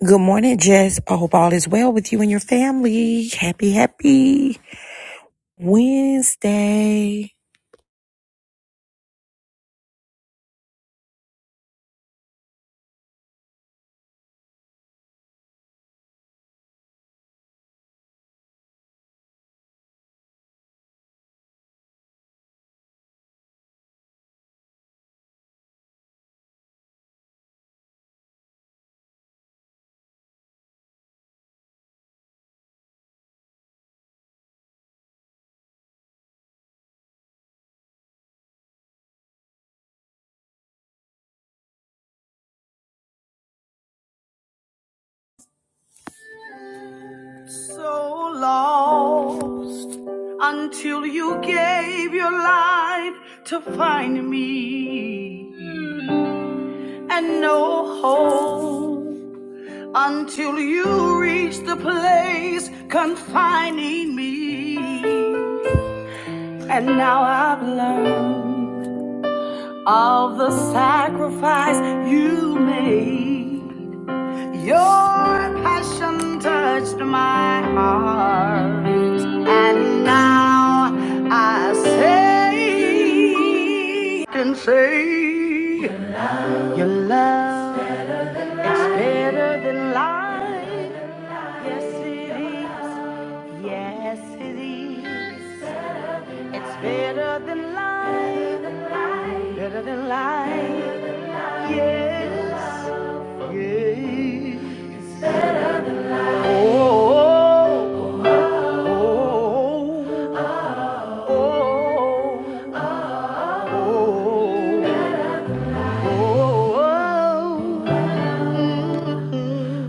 Good morning, Jess. I hope all is well with you and your family. Happy, happy Wednesday. So lost until you gave your life to find me, and no hope until you reached the place confining me. And now I've learned. of the sacrifice you made. Your passion touched my heart, and now I say, can say, your love is better than life. Yes, it is. Yes, it is. It's better than life, better than life. Yes, yes. Oh, oh, oh, oh, oh, oh. Oh. Oh. Oh. Oh. Oh.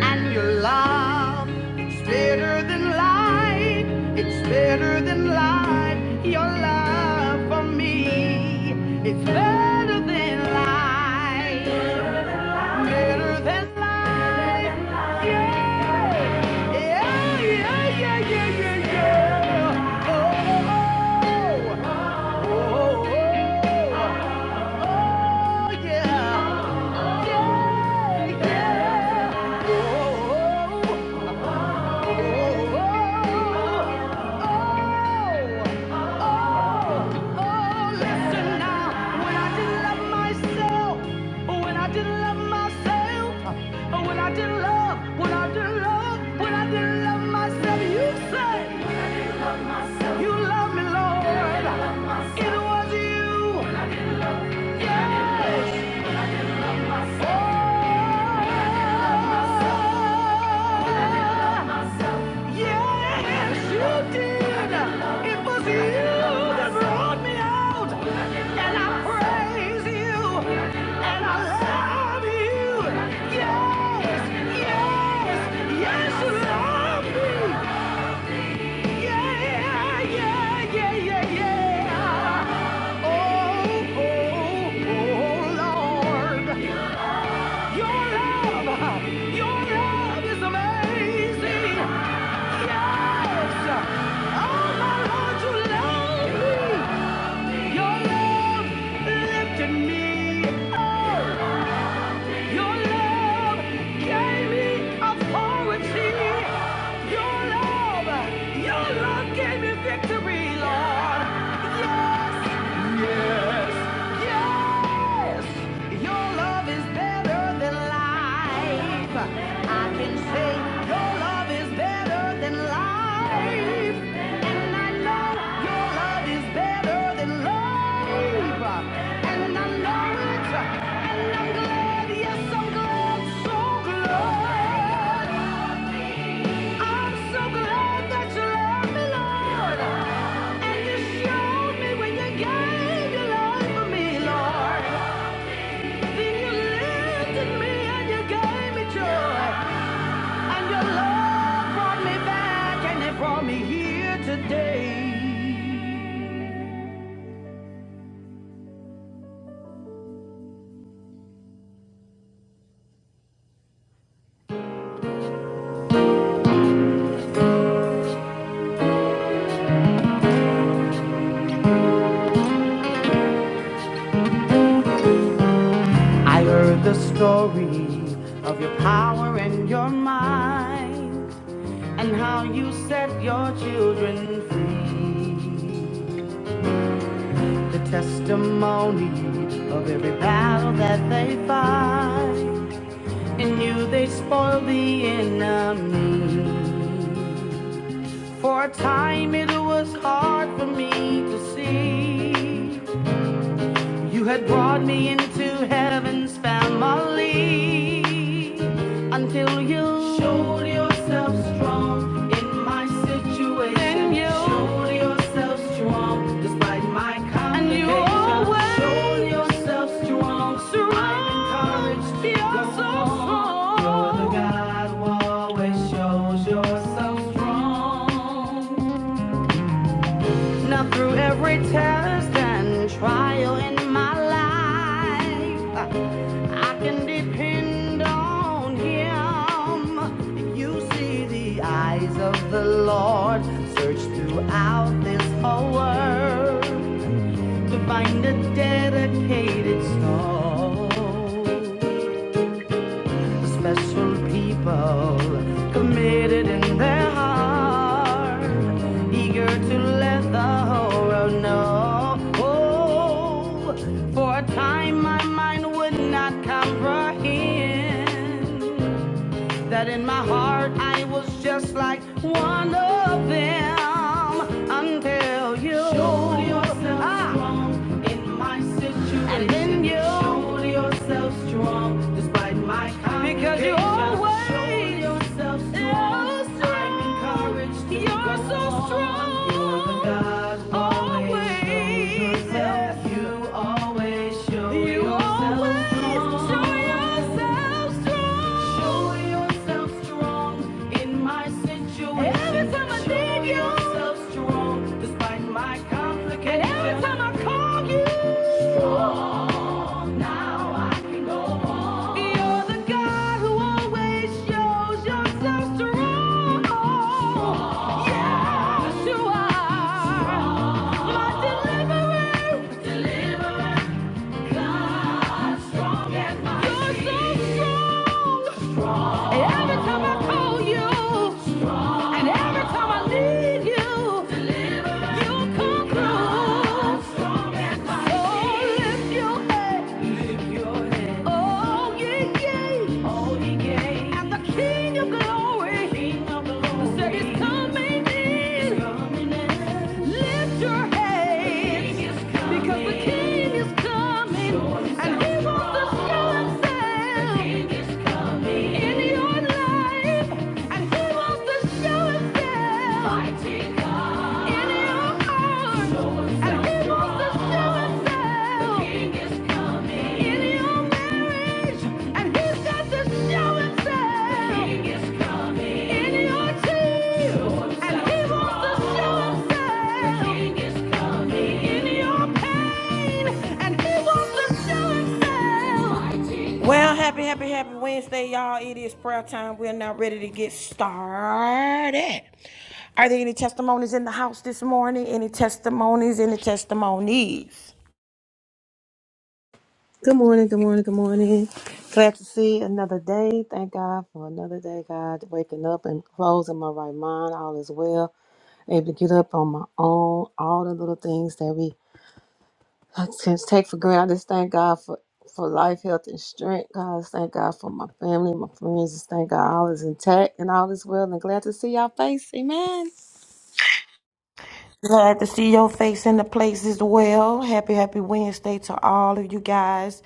And your love, it's better than life. It's better than life. Your love for me, it's better than life. Better than life. Yeah. Yeah, yeah, yeah, yeah, yeah, yeah. Oh, oh, oh, oh, oh. oh. Oh yeah, yeah, yeah. Oh, oh, oh, oh. Listen now, when I didn't love myself, when I didn't love myself, when I didn't love, when I didn't love, when I didn't love myself, you said you love me, Lord. It was you, yes. Yes, you did. It was you that brought me out, and I praise you, and I love you. Yes, yes, yes, love me. Yeah, yeah, yeah, yeah, yeah. Oh, oh, oh, Lord. Your love, your love is amazing. Yes. Oh my Lord, you love me. Your love lifted me up. Your love gave me authority. Your love, your love gave me victory, Lord. Yes, yes, yes. Your love is better than life. I can say your love is better than life. And I know your love is better than life. And I know it. Yes, I'm glad, so glad. I'm so glad that you love me, Lord. And you showed me when you gave your life for me, Lord. Then you lifted me and you gave me joy. And your love brought me back and it brought me here today. I heard the story of your power and your might. and how you set your children free. The testimony of every battle that they fight. In you they spoil the enemy. For a time it was hard for me to see. You had brought me into heaven's family until you showed yourself strong in my situation. Then you showed yourself strong despite my complications. And you always Showed yourself strong. I'm encouraged to You're go so on. strong. You're the God who always shows yourself strong. Now through every test and trial in my life, I can depend on Him. You see, the eyes of the Lord search throughout this whole world to find a dedicated soul special people committed in their heart, eager to let the whole world know. Oh, for a time my mind would not comprehend that in my heart I was just like one of them until you Showed yourself ah, strong in my situation. and then you Showed yourself strong despite my complications. because you always Showed always yourself so strong. I'm encouraged to You're go so on. Strong. You're the God who always shows yourself. You always Show yourself strong in my situation. Every time I show yourself strong despite my complications. Every time I call you, oh, now I can You're the God who always shows yourself strong. Yes, you are. My deliverer, deliverer. Every time I call you, and every time I need you, you come through. So lift your head. Oh, yeah, yeah. Oh, yeah, yeah. And the King of glory. Said he's coming in. Lift your head. Because the King is coming. And he wants to show himself. In your life. And he wants to show himself. Show himself. Well, happy, happy, happy Wednesday, y'all. It is prayer time. We're now ready to get started. Are there any testimonies in the house this morning? Any testimonies? Any testimonies? Good morning, good morning, good morning. Glad to see another day. Thank God for another day, God, waking up and closing my right mind. All is well. Able to get up on my own. All the little things that we can take for granted. I just thank God for, for life, health, and strength. God, I just thank God for my family, my friends. Just thank God all is intact and all is well. And glad to see y'all face. Amen. Glad to see your face in the place as well. Happy, happy Wednesday to all of you guys.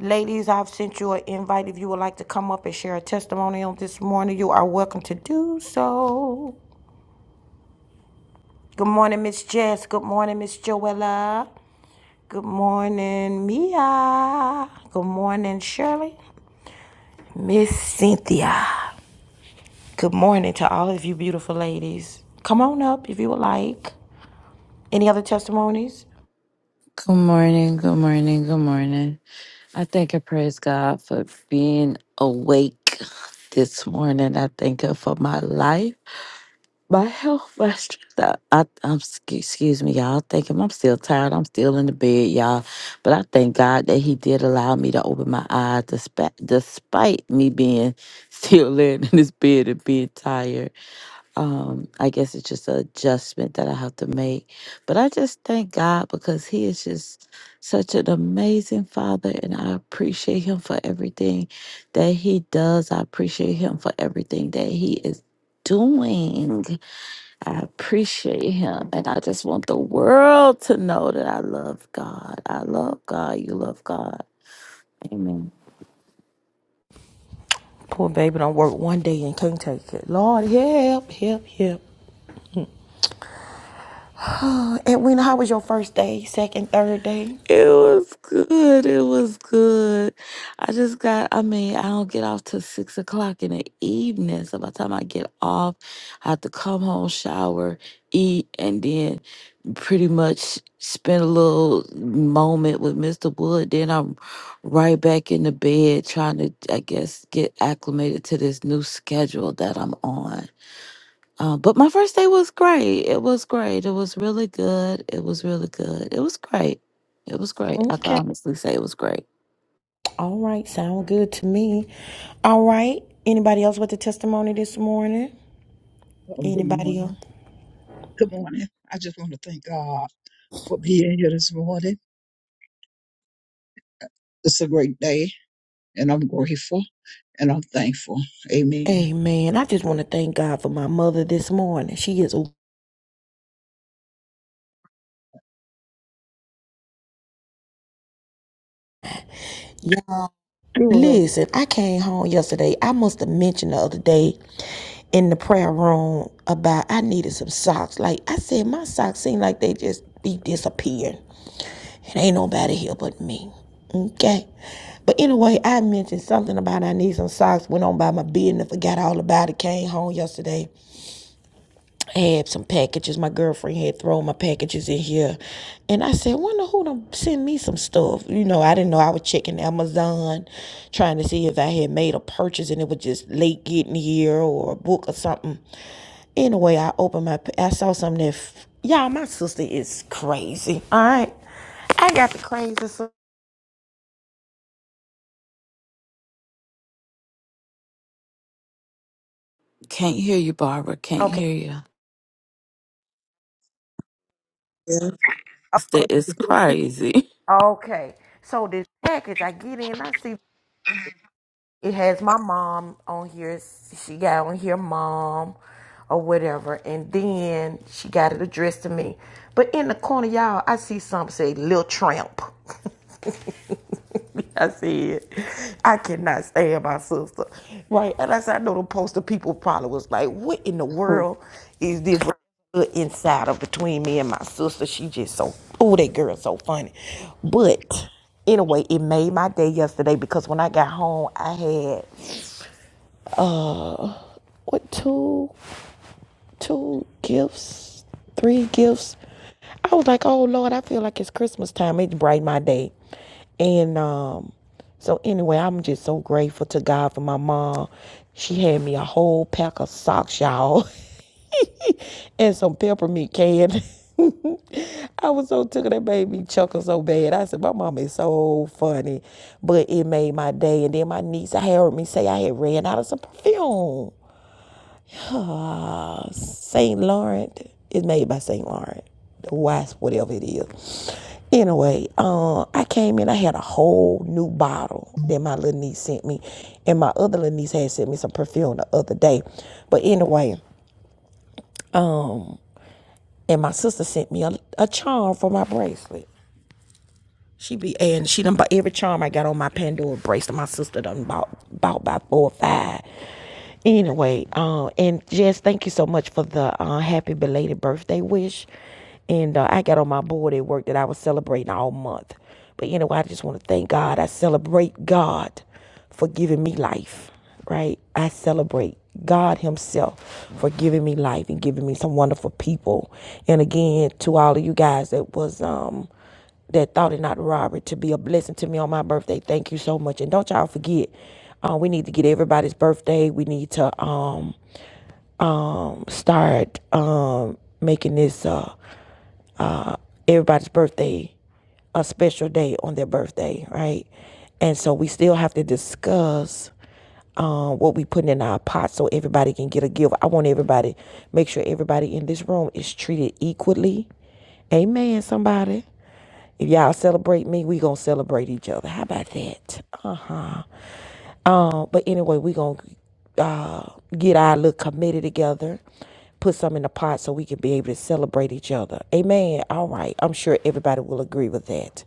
Ladies, I've sent you an invite. If you would like to come up and share a testimony on this morning, you are welcome to do so. Good morning, Miss Jess. Good morning, Miss Joella. Good morning, Mia. Good morning, Shirley. Cynthia. Morning to all of you beautiful ladies. Come on up if you would like. Any other testimonies? Good morning, good morning, good morning. I thank and praise God for being awake this morning. I thank Him for my life, my health, my strength. I, I, I'm, sc- excuse me, y'all. I Thank Him. I'm still tired. I'm still in the bed, y'all. But I thank God that He did allow me to open my eyes despite, despite me being still laying in this bed and being tired um i guess it's just an adjustment that i have to make but i just thank god because he is just such an amazing father and i appreciate him for everything that he does i appreciate him for everything that he is doing i appreciate him and i just want the world to know that i love god i love god you love god amen Poor baby don't work one day and can't take it. Lord, help, help, help. Edwina, how was your first day, second, third day? It was good. It was good. I just got, I mean, I don't get off till six o'clock in the evening. So by the time I get off, I have to come home, shower, eat, and then pretty much spend a little moment with Mr. Wood. Then I'm right back in the bed trying to, I guess, get acclimated to this new schedule that I'm on. Uh, but my first day was great. It was great. It was really good. It was really good. It was great. It was great. I can Okay. honestly say it was great. All right. Sound good to me. All right. Anybody else with a testimony this morning? Oh, good Anybody else? morning. Good morning. I just want to thank God for being here this morning. It's a great day, and I'm grateful and I'm thankful. Amen. Amen. I just want to thank God for my mother this morning. She is, yes, Sure. Listen, I came home yesterday. I must have mentioned the other day in the prayer room about I needed some socks. Like I said, my socks seem like they just be disappearing. It ain't nobody here but me. Okay. But anyway, I mentioned something about I need some socks, went on by my business, forgot all about it, came home yesterday. I had some packages. My girlfriend had thrown my packages in here. And I said, wonder who done send me some stuff. You know, I didn't know I was checking Amazon, trying to see if I had made a purchase and it was just late getting here or a book or something. Anyway, I opened my, I saw something that, f- y'all, my sister is crazy. All right. I got the craziest. Can't hear you, Barbara. Can't Okay. hear you. Yeah. It's, it's crazy. Okay. So this package, I get in, I see It has my mom on here. She got on here, mom, or whatever. And then she got it addressed to me. But in the corner, y'all, I see something say "Lil Tramp." I said, I cannot stand my sister, right? And I said, I know the poster people probably was like, "What in the Hmm. world is this inside of between me and my sister?" She just so, oh, that girl so funny. But anyway, it made my day yesterday because when I got home, I had what two? two gifts, three gifts. I was like, oh Lord, I feel like it's Christmas time. It brightened my day. And um, so anyway, I'm just so grateful to God for my mom. She had me a whole pack of socks, y'all, and some peppermint candy. I was so tickled. That made me chuckle so bad. I said, my mom is so funny. But it made my day. And then my niece, I heard me say I had ran out of some perfume uh, Saint Laurent is made by Saint Laurent, the wasp, whatever it is. Anyway, uh, I came in, I had a whole new bottle that my little niece sent me, and my other little niece had sent me some perfume the other day. But anyway, and my sister sent me a, a charm for my bracelet. She be and she done bought every charm I got on my Pandora bracelet. My sister done bought bought by four or five. Anyway, uh, and Jess, thank you so much for the uh, happy belated birthday wish. And uh, I got on my board at work that I was celebrating all month. But anyway, I just want to thank God. I celebrate God for giving me life, right? I celebrate God Himself for giving me life and giving me some wonderful people. And again, to all of you guys that was um that thought it not robbery to be a blessing to me on my birthday. Thank you so much. And don't y'all forget, uh, we need to get everybody's birthday. We need to um, start um, making this uh, everybody's birthday a special day on their birthday, right? And so we still have to discuss um, what we put in our pot so everybody can get a gift. I want everybody, make sure everybody in this room is treated equally. Amen, somebody. If y'all celebrate me, we gonna celebrate each other. How about that? Uh huh. Um, but anyway, we gonna get our little committee together, put some in the pot so we can be able to celebrate each other. Amen. All right. I'm sure everybody will agree with that.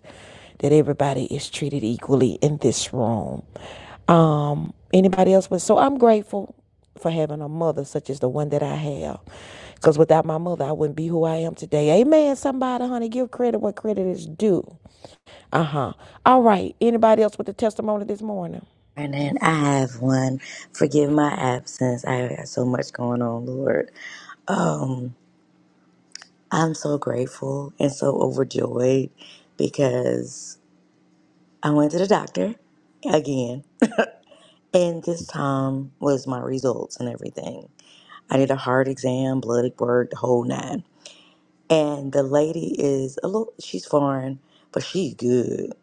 That everybody is treated equally in this room. Um, anybody else? But so I'm grateful for having a mother such as the one that I have. Because without my mother, I wouldn't be who I am today. Amen. Somebody, honey, give credit what credit is due. Uh huh. All right. Anybody else with a testimony this morning? And then I have one. Forgive my absence. I have so much going on, Lord. Um, I'm so grateful and so overjoyed because I went to the doctor again, and this time was my results and everything. I did a heart exam, blood work, the whole nine. And the lady is a little. She's foreign, but she's good.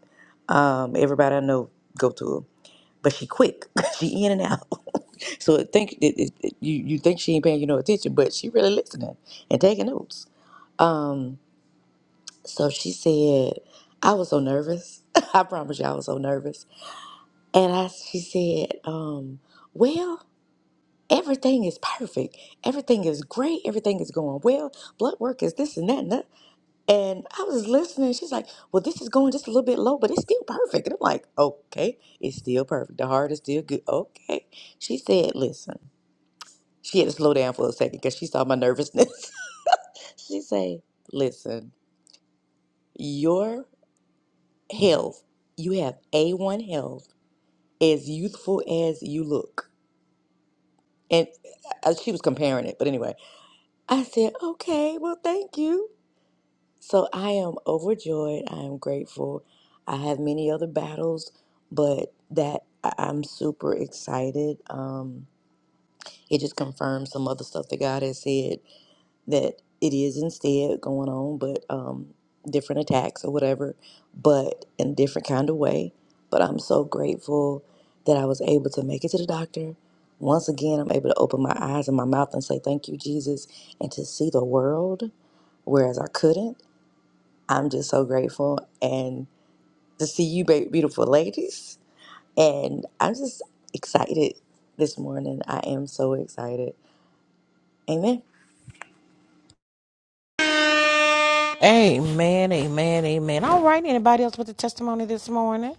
Um, everybody I know go to her, but she quick. she in and out. So it think it, it, it- you you think she ain't paying you no attention, but she really listening and taking notes. Um, so she said, I was so nervous. I promise you, I was so nervous. And I she said, um, well, everything is perfect. Everything is great. Everything is going well. Blood work is this and that and that. And I was listening. She's like, well, this is going just a little bit low, but it's still perfect. And I'm like, okay, it's still perfect. The heart is still good. Okay. She said, listen. She had to slow down for a second because she saw my nervousness. she say, "Listen, your health, you have A1 health, as youthful as you look." And uh, she was comparing it, but anyway, I said, "Okay, well, thank you." So I am overjoyed. I am grateful. I have many other battles, but that I- I'm super excited. Um, it just confirms some other stuff that God has said that it is instead going on, but um, different attacks or whatever, but in a different kind of way. But I'm so grateful that I was able to make it to the doctor. Once again, I'm able to open my eyes and my mouth and say, Thank you, Jesus, and to see the world, whereas I couldn't. I'm just so grateful. And to see you, ba- beautiful ladies. And I'm just excited this morning. I am so excited. Amen. Amen. Amen. Amen. All right. Anybody else with a testimony this morning?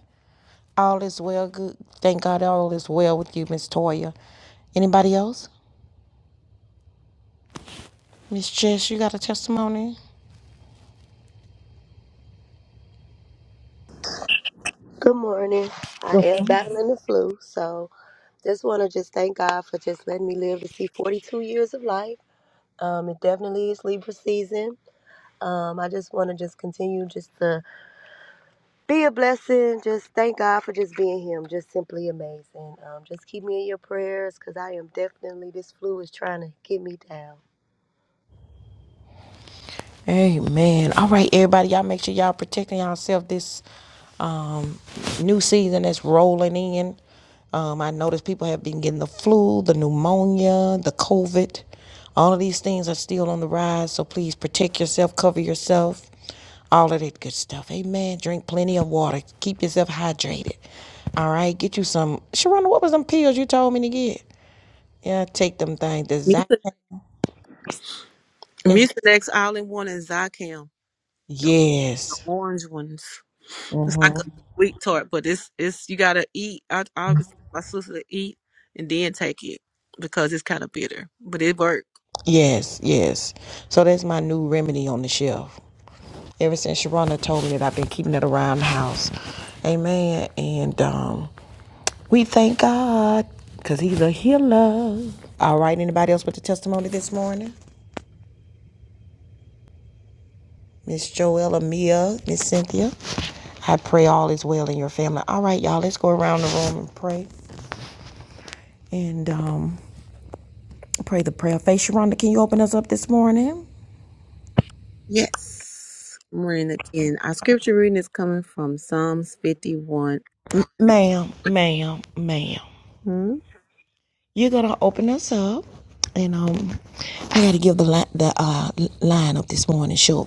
All is well. Good. Thank God. All is well with you, Miss Toya. Anybody else? Good morning. I am battling the flu, so just want to just thank God for just letting me live to see 42 years of life. Um, it definitely is Libra season. Um, I just want to just continue just to be a blessing. Just thank God for just being Him. Just simply amazing. Um, just keep me in your prayers because I am definitely this flu is trying to get me down. Amen. All right, everybody, y'all make sure y'all protecting yourself this um, new season that's rolling in. Um, I noticed people have been getting the flu, the pneumonia, the COVID. All of these things are still on the rise, so please protect yourself, cover yourself, all of that good stuff. Amen. Drink plenty of water. Keep yourself hydrated. All right, get you some. Sharonda, what was some pills you told me to get? Yeah, take them things. Design. Mucinex Mucinex All in One and Zycam. the Yes. orange ones. It's Mm-hmm. like a sweet tart, but it's it's you gotta eat. I I was my sister to eat and then take it because it's kind of bitter, but it worked. Yes, yes. So that's my new remedy on the shelf. Ever since Sharona told me that, I've been keeping it around the house. Amen. And um, we thank God because He's a healer. All right. Anybody else with the testimony this morning? Miss Joella, Mia, Miss Cynthia. I pray all is well in your family. All right, y'all. Let's go around the room and pray. And um, pray the prayer. Face Sharonda, can you open us up this morning? Yes. I'm reading again. Our scripture reading is coming from Psalms 51. Ma'am, ma'am, ma'am. Hmm? You're gonna open us up, and um, I gotta give the li- the uh, line up this morning, Sugar.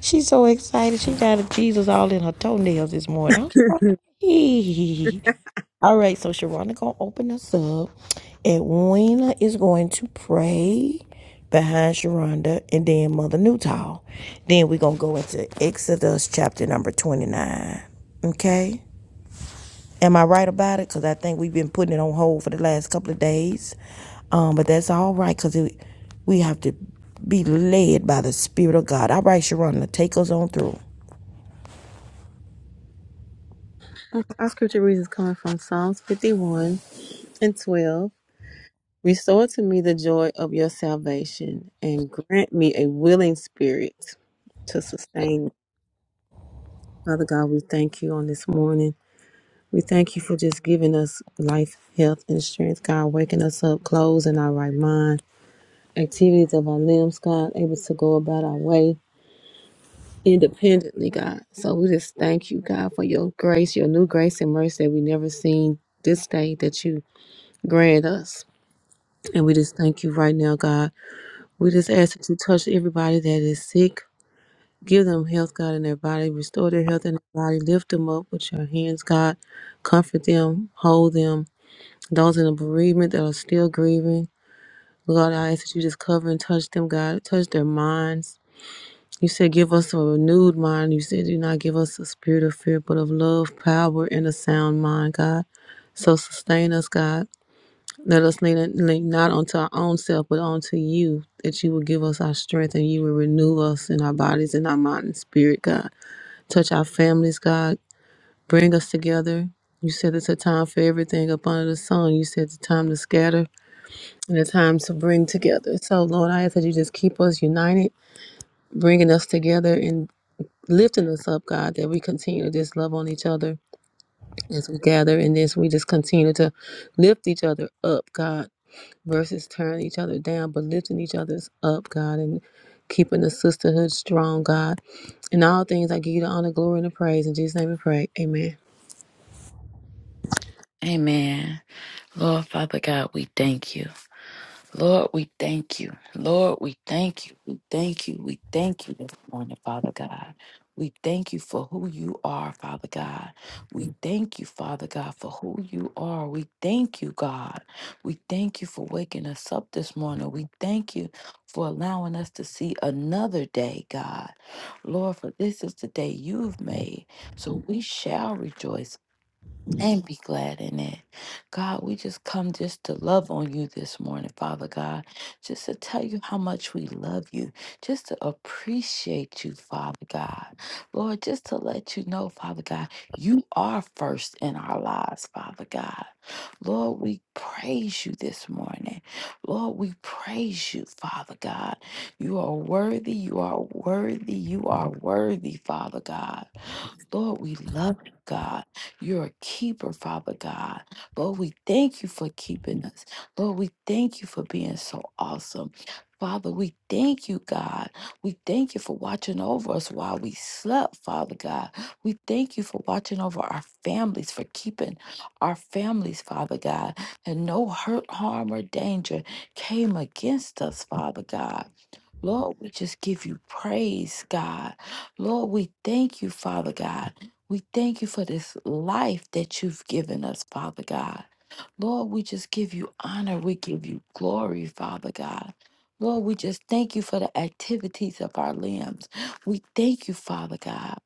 She's so excited. She got a Jesus all in her toenails this morning. All right, so Sharonda gonna open us up, and Wena is going to pray behind Sharonda, and then Mother Newtall. Then we're gonna go into Exodus chapter number twenty nine. Okay. Am I right about it? Because I think we've been putting it on hold for the last couple of days. Um, but that's all right because we have to be led by the Spirit of God. All right, Sharonda, take us on through. Our scripture reading is coming from Psalms 51 and 12. Restore to me the joy of your salvation and grant me a willing spirit to sustain me. Father God, we thank you on this morning. We thank you for just giving us life, health, and strength, God, waking us up, clothes in our right mind, activities of our limbs, God, able to go about our way independently, God. So we just thank you, God, for your grace, your new grace and mercy that we never seen this day that you grant us. And we just thank you right now, God. We just ask that you touch everybody that is sick. Give them health, God, in their body. Restore their health in their body. Lift them up with your hands, God. Comfort them, hold them, Those in the bereavement that are still grieving, Lord, I ask that you just cover and touch them, God. Touch their minds. You said, give us a renewed mind. You said, do not give us a spirit of fear, but of love, power, and a sound mind, God. So sustain us, God. Let us lean, lean not unto our own self, but unto you, that you will give us our strength and you will renew us in our bodies and our mind and spirit, God. Touch our families, God. Bring us together. You said it's a time for everything up under the sun. You said it's a time to scatter and a time to bring together. So, Lord, I ask that you just keep us united, bringing us together and lifting us up, God, that we continue to just love on each other as we gather in this. We just continue to lift each other up, God, versus tearing each other down, but lifting each other's up, God, and keeping the sisterhood strong, God. In all things, I give you the honor, glory, and the praise. In Jesus' name we pray. Amen. Amen. Lord Father God, we thank you. Lord, we thank you. Lord, we thank you. We thank you. We thank you this morning, Father God. We thank you for who you are, Father God. We thank you, Father God, for who you are. We thank you, God. We thank you for waking us up this morning. We thank you for allowing us to see another day, God. Lord, for this is the day you've made. So we shall rejoice and be glad in it. God, we just come just to love on you this morning, Father God, just to tell you how much we love you, just to appreciate you, Father God. Lord, just to let you know, Father God, you are first in our lives, Father God. Lord, we praise you this morning. Lord, we praise you, Father God. You are worthy, you are worthy, you are worthy, Father God. Lord, we love you, God. You're a keeper, Father God. Lord, we thank you for keeping us. Lord, we thank you for being so awesome. Father, we thank you, God. We thank you for watching over us while we slept, Father God. We thank you for watching over our families, for keeping our families, Father God. And no hurt, harm, or danger came against us, Father God. Lord, we just give you praise, God. Lord, we thank you, Father God. We thank you for this life that you've given us, Father God. Lord, we just give you honor. We give you glory, Father God. Lord, we just thank you for the activities of our limbs. We thank you, Father God.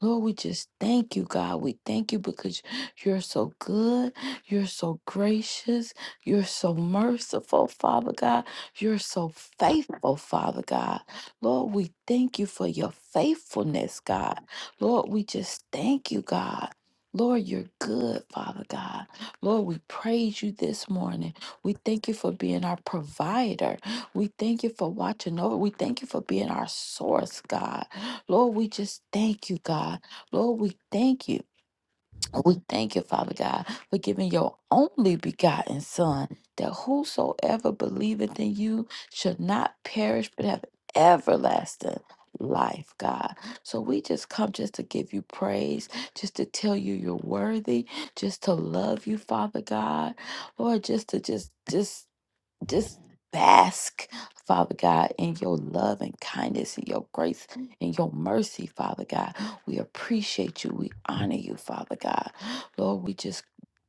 Lord, we just thank you, God. We thank you because you're so good. You're so gracious. You're so merciful, Father God. You're so faithful, Father God. Lord, we thank you for your faithfulness, God. Lord, we just thank you, God. Lord, you're good, Father God. Lord, we praise you this morning. We thank you for being our provider. We thank you for watching over. We thank you for being our source, God. Lord, we just thank you, God. Lord, we thank you. We thank you, Father God, for giving your only begotten Son, that whosoever believeth in you should not perish but have everlasting life, God. So we just come just to give you praise, just to tell you you're worthy, just to love you, Father God, Lord, just to just just just bask, Father God, in your love and kindness and your grace and your mercy, Father God. We appreciate you. We honor you, Father God. Lord, we just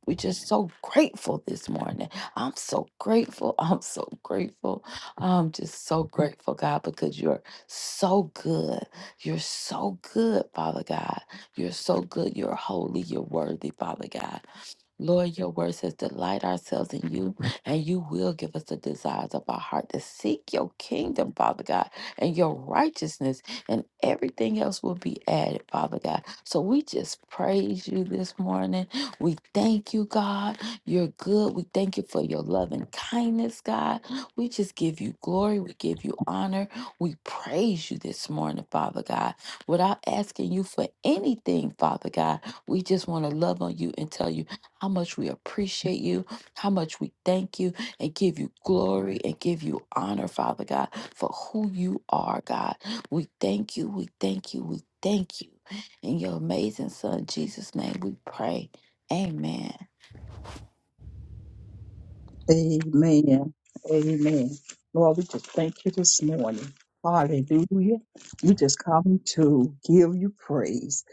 we just so grateful this morning. I'm so grateful. I'm so grateful. I'm just so grateful, God, because you're so good. You're so good, Father God. You're so good. You're holy. You're worthy, Father God. Lord, your word says, delight ourselves in you, and you will give us the desires of our heart to seek your kingdom, Father God, and your righteousness, and everything else will be added, Father God. So we just praise you this morning. We thank you, God. You're good. We thank you for your love and kindness, God. We just give you glory. We give you honor. We praise you this morning, Father God, without asking you for anything, Father God. We just want to love on you and tell you how much we appreciate you, how much we thank you and give you glory and give you honor, Father God, for who you are, God. We thank you, we thank you, we thank you. In your amazing Son, Jesus' name, we pray. Amen. Amen. Amen. Lord, we just thank you this morning. Hallelujah. We just come to give you praise.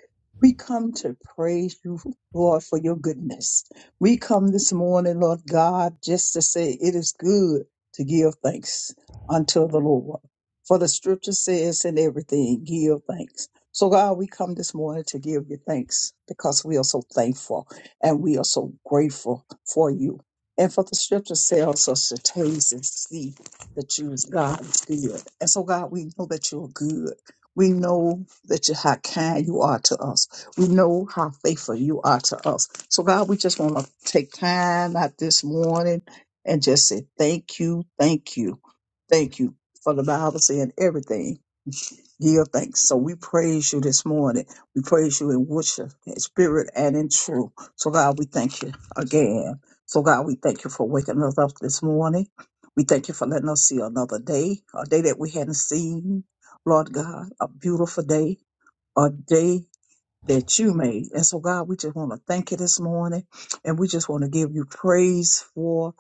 We come to praise you, Lord, for your goodness. We come this morning, Lord God, just to say it is good to give thanks unto the Lord. For the scripture says in everything, give thanks. So, God, we come this morning to give you thanks because we are so thankful and we are so grateful for you. And for the scripture say also to taste and see that you is God is good. And so God, we know that you're good. We know that you how kind you are to us. We know how faithful you are to us. So God, we just want to take time out this morning and just say thank you, thank you, thank you. For the Bible saying everything. Give thanks. So we praise you this morning. We praise you in worship, in spirit, and in truth. So God, we thank you again. So God, we thank you for waking us up this morning. We thank you for letting us see another day, a day that we hadn't seen. Lord God, a beautiful day, a day that you made. And so God, we just want to thank you this morning and we just want to give you praise for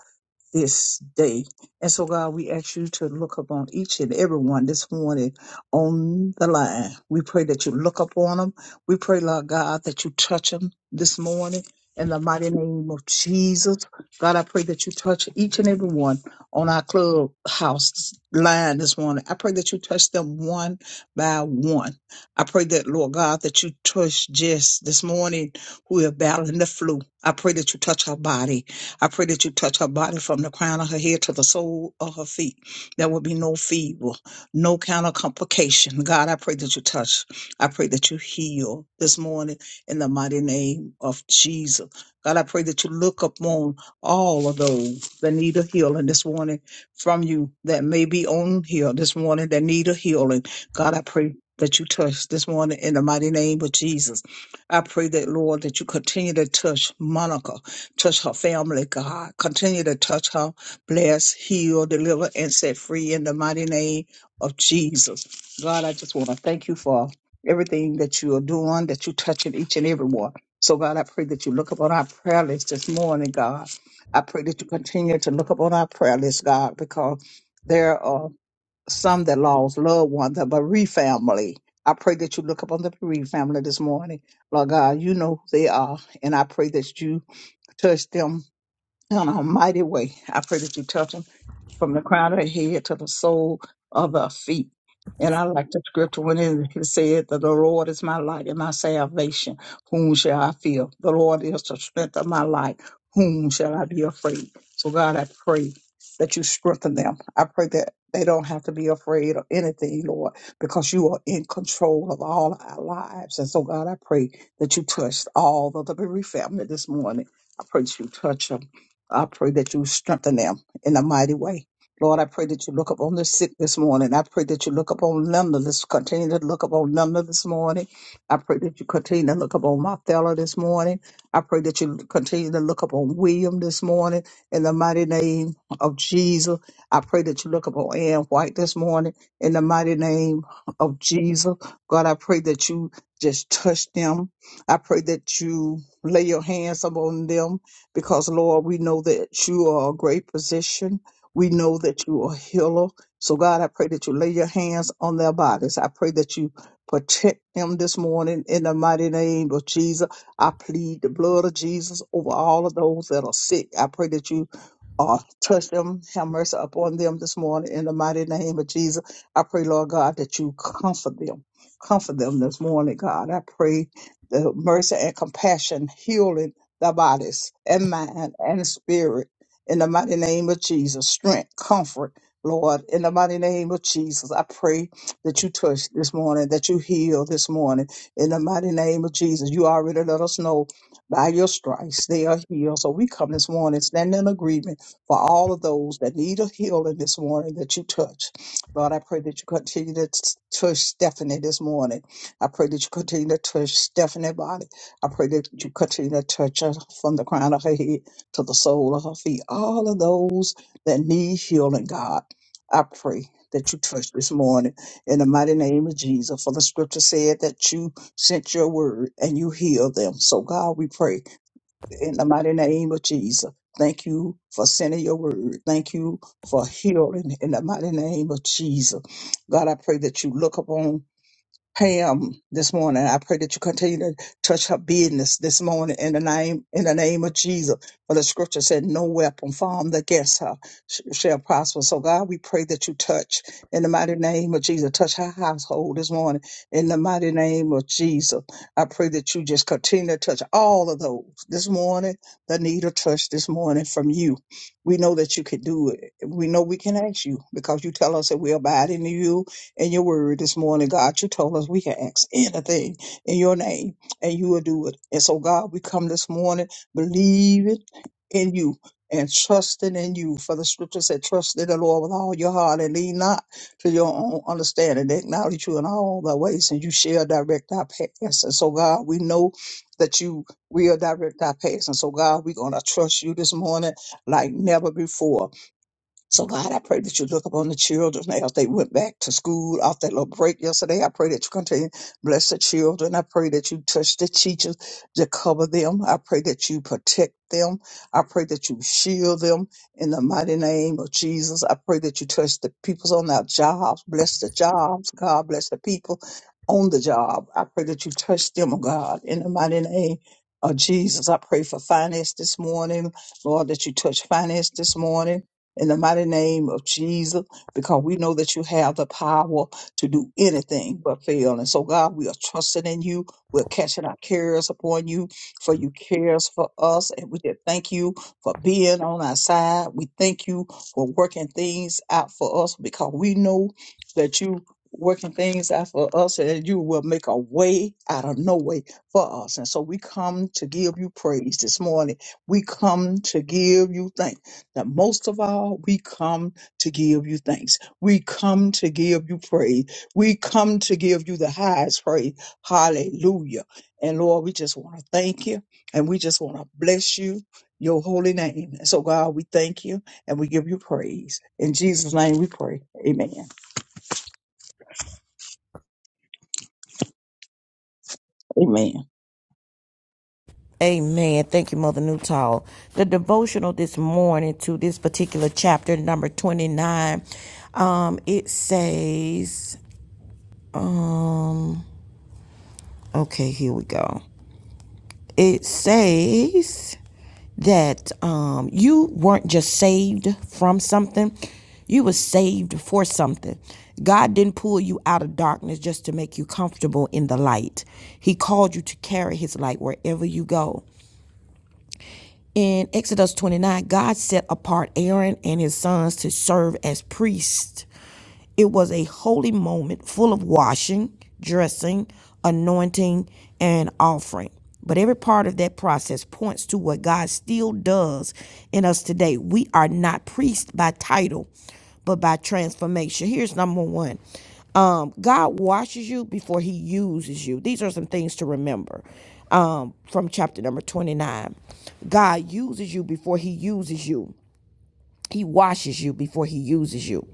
this day. And so, God, we ask you to look upon each and every one this morning on the line. We pray that you look upon them. We pray, Lord God, that you touch them this morning. In the mighty name of Jesus, God, I pray that you touch each and every one on our clubhouse line this morning. I pray that you touch them one by one. I pray that, Lord God, that you touch Jess this morning who is battling the flu. I pray that you touch her body. I pray that you touch her body from the crown of her head to the sole of her feet. There will be no fever, no kind of complication. God, I pray that you touch. I pray that you heal this morning in the mighty name of Jesus. God, I pray that you look upon all of those that need a healing this morning from you that may be on here this morning that need a healing. God, I pray that you touch this morning in the mighty name of Jesus. I pray that, Lord, that you continue to touch Monica. Touch her family, God. Continue to touch her, bless, heal, deliver, and set free in the mighty name of Jesus. God, I just want to thank you for everything that you are doing, that you're touching each and every one. So, God, I pray that you look up on our prayer list this morning, God. I pray that you continue to look up on our prayer list, God, because there are some that lost loved ones, the bereaved family. I pray that you look up on the bereaved family this morning. Lord God, you know who they are, and I pray that you touch them in a mighty way. I pray that you touch them from the crown of their head to the sole of their feet. And I like the scripture when it it said that the Lord is my light and my salvation. Whom shall I fear? The Lord is the strength of my life. Whom shall I be afraid? So God, I pray that you strengthen them. I pray that they don't have to be afraid of anything, Lord, because you are in control of all our lives. And so God, I pray that you touched all of the bereaved family this morning. I pray that you touch them. I pray that you strengthen them in a mighty way. Lord, I pray that you look upon the sick this morning. I pray that you look upon Linda. Let's continue to look upon Linda this morning. I pray that you continue to look upon my fellow this morning. I pray that you continue to look upon William this morning in the mighty name of Jesus. I pray that you look upon Ann White this morning in the mighty name of Jesus. God, I pray that you just touch them. I pray that you lay your hands upon them because Lord, we know that you are a great physician. We know that you are a healer. So God, I pray that you lay your hands on their bodies. I pray that you protect them this morning in the mighty name of Jesus. I plead the blood of Jesus over all of those that are sick. I pray that you uh, touch them, have mercy upon them this morning in the mighty name of Jesus. I pray, Lord God, that you comfort them. Comfort them this morning, God. I pray the mercy and compassion, healing Thy bodies and mind and spirit in the mighty name of Jesus. Strength, comfort, Lord, in the mighty name of Jesus. I pray that you touch this morning, that you heal this morning in the mighty name of Jesus. You already let us know by your stripes they are healed. So we come this morning standing in agreement for all of those that need a healing this morning that you touch. Lord, I pray that you continue to t- touch Stephanie this morning. I pray that you continue to touch Stephanie's body. I pray that you continue to touch her from the crown of her head to the sole of her feet. All of those that need healing, God, I pray that you touch this morning in the mighty name of Jesus. For the scripture said that you sent your word and you healed them. So, God, we pray in the mighty name of Jesus. Thank you for sending your word. Thank you for healing in the mighty name of Jesus. God, I pray that you look upon Pam this morning. I pray that you continue to touch her business this morning in the name in the name of Jesus. For the scripture said, "No weapon formed against her sh- shall prosper." So God, we pray that you touch in the mighty name of Jesus. Touch her household this morning in the mighty name of Jesus. I pray that you just continue to touch all of those this morning that need a touch this morning from you. We know that you can do it. We know we can ask you because you tell us that we abide in you in your word this morning, God. You told us we can ask anything in your name and you will do it. And so, God, we come this morning believing in you and trusting in you. For the scripture said, trust in the Lord with all your heart and lean not to your own understanding. Acknowledge you in all thy ways and you shall direct our paths. And so, God, we know that you will direct our paths. And so, God, we're going to trust you this morning like never before. So, God, I pray that you look upon the children as they went back to school off that little break yesterday. I pray that you continue to bless the children. I pray that you touch the teachers to cover them. I pray that you protect them. I pray that you shield them in the mighty name of Jesus. I pray that you touch the peoples on our jobs. Bless the jobs. God bless the people on the job. I pray that you touch them, oh God, in the mighty name of Jesus. I pray for finance this morning. Lord, that you touch finance this morning in the mighty name of Jesus, because we know that you have the power to do anything but fail. And so, God, we are trusting in you. We're catching our cares upon you, for you cares for us. And we just thank you for being on our side. We thank you for working things out for us because we know that you working things out for us and you will make a way out of no way for us. And so we come to give you praise this morning. We come to give you thanks that most of all, we come to give you thanks. We come to give you praise. We come to give you the highest praise. Hallelujah. And Lord, we just want to thank you and we just want to bless you, your holy name. And so, God, we thank you and we give you praise. In Jesus' name we pray. Amen. Amen. Amen. Thank you, Mother Newtall. The devotional this morning to this particular chapter, number 29, um, it says, um, okay, here we go. It says, that um, you weren't just saved from something, you were saved for something. God didn't pull you out of darkness just to make you comfortable in the light. He called you to carry his light wherever you go. In Exodus 29, God set apart Aaron and his sons to serve as priests it was a holy moment full of washing, dressing, anointing, and offering. But every part of that process points to what God still does in us today. We are not priests by title, but by transformation. Here's number one um, God washes you before he uses you. These are some things to remember um, from chapter number 29. God uses you before he uses you. He washes you before he uses you.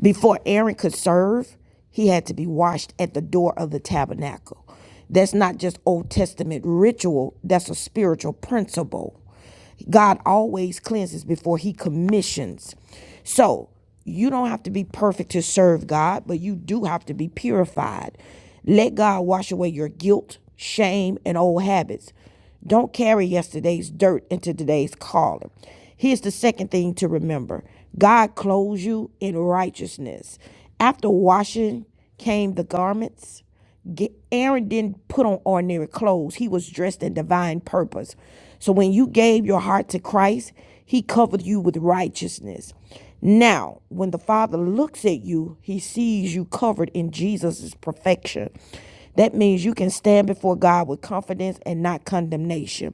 Before Aaron could serve, he had to be washed at the door of the tabernacle. That's not just Old Testament ritual, that's a spiritual principle. God always cleanses before he commissions. So you don't have to be perfect to serve God, but you do have to be purified. Let God wash away your guilt, shame, and old habits. Don't carry yesterday's dirt into today's calling. Here's the second thing to remember God clothes you in righteousness. After washing came the garments. Aaron didn't put on ordinary clothes. He was dressed in divine purpose. So when you gave your heart to Christ, he covered you with righteousness. Now, when the Father looks at you, he sees you covered in Jesus' perfection. That means you can stand before God with confidence and not condemnation.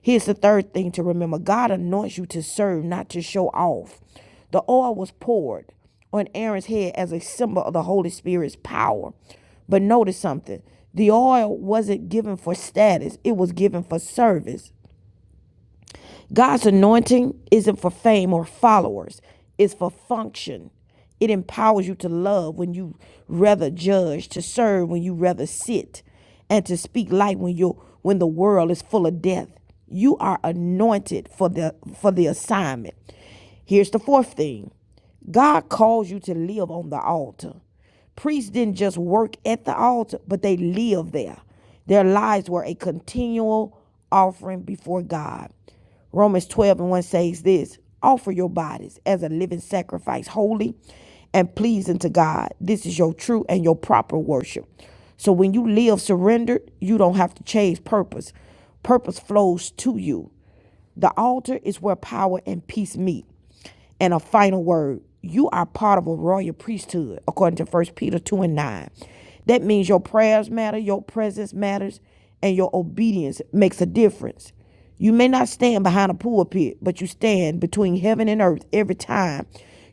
Here's the third thing to remember God anoints you to serve, not to show off. The oil was poured on Aaron's head as a symbol of the Holy Spirit's power. But notice something the oil wasn't given for status, it was given for service. God's anointing isn't for fame or followers, it's for function. It empowers you to love when you rather judge, to serve when you rather sit, and to speak light when you when the world is full of death. You are anointed for the for the assignment. Here's the fourth thing. God calls you to live on the altar. Priests didn't just work at the altar, but they lived there. Their lives were a continual offering before God. Romans 12 and 1 says this offer your bodies as a living sacrifice, holy and pleasing to God. This is your true and your proper worship. So when you live surrendered, you don't have to change purpose. Purpose flows to you. The altar is where power and peace meet and a final word. You are part of a royal priesthood, according to First Peter 2 and 9. That means your prayers matter, your presence matters, and your obedience makes a difference. You may not stand behind a pulpit, but you stand between heaven and earth every time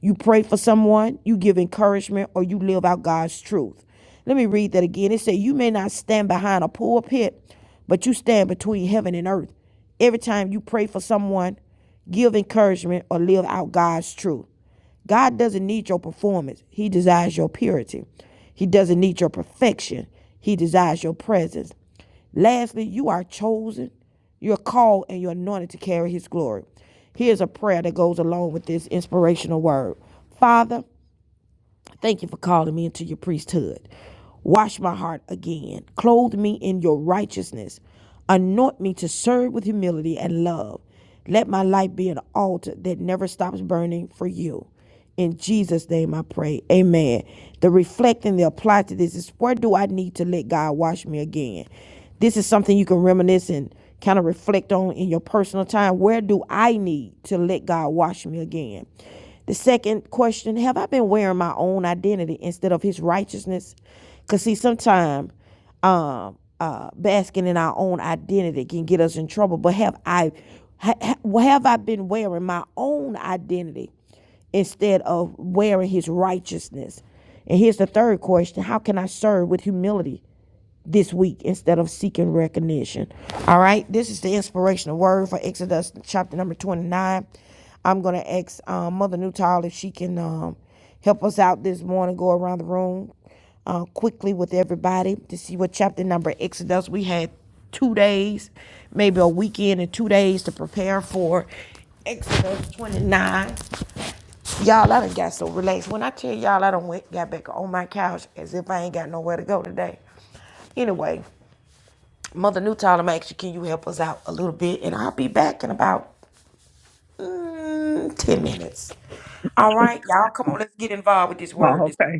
you pray for someone, you give encouragement, or you live out God's truth. Let me read that again. It said, You may not stand behind a pulpit, but you stand between heaven and earth every time you pray for someone give encouragement, or live out God's truth. God doesn't need your performance, He desires your purity. He doesn't need your perfection, He desires your presence. Lastly, you are chosen, you're called, and you're anointed to carry His glory. Here's a prayer that goes along with this inspirational word Father, Thank you for calling me into your priesthood. Wash my heart again. Clothe me in your righteousness. Anoint me to serve with humility and love. Let my life be an altar that never stops burning for you. In Jesus' name I pray. Amen. The reflecting, the apply to this is where do I need to let God wash me again? This is something you can reminisce and kind of reflect on in your personal time. Where do I need to let God wash me again? The second question, have I been wearing my own identity instead of his righteousness? Because, see, sometimes um, uh, basking in our own identity can get us in trouble. But have I, ha, have I been wearing my own identity instead of wearing his righteousness? And here's the third question How can I serve with humility this week instead of seeking recognition. All right, this is the inspirational word for Exodus chapter number 29. I'm going to ask um, Mother Newtall if she can um, help us out this morning, go around the room uh, quickly with everybody to see what chapter number Exodus. We had two days, maybe a weekend and two days to prepare for Exodus 29. Y'all, I done got so relaxed. When I tell y'all I done went, got back on my couch as if I ain't got nowhere to go today. Anyway, Mother Newtown, I'm asking, can you help us out a little bit? And I'll be back in about mm, 10 minutes. All right, y'all, come on, let's get involved with this word. Oh, This- okay.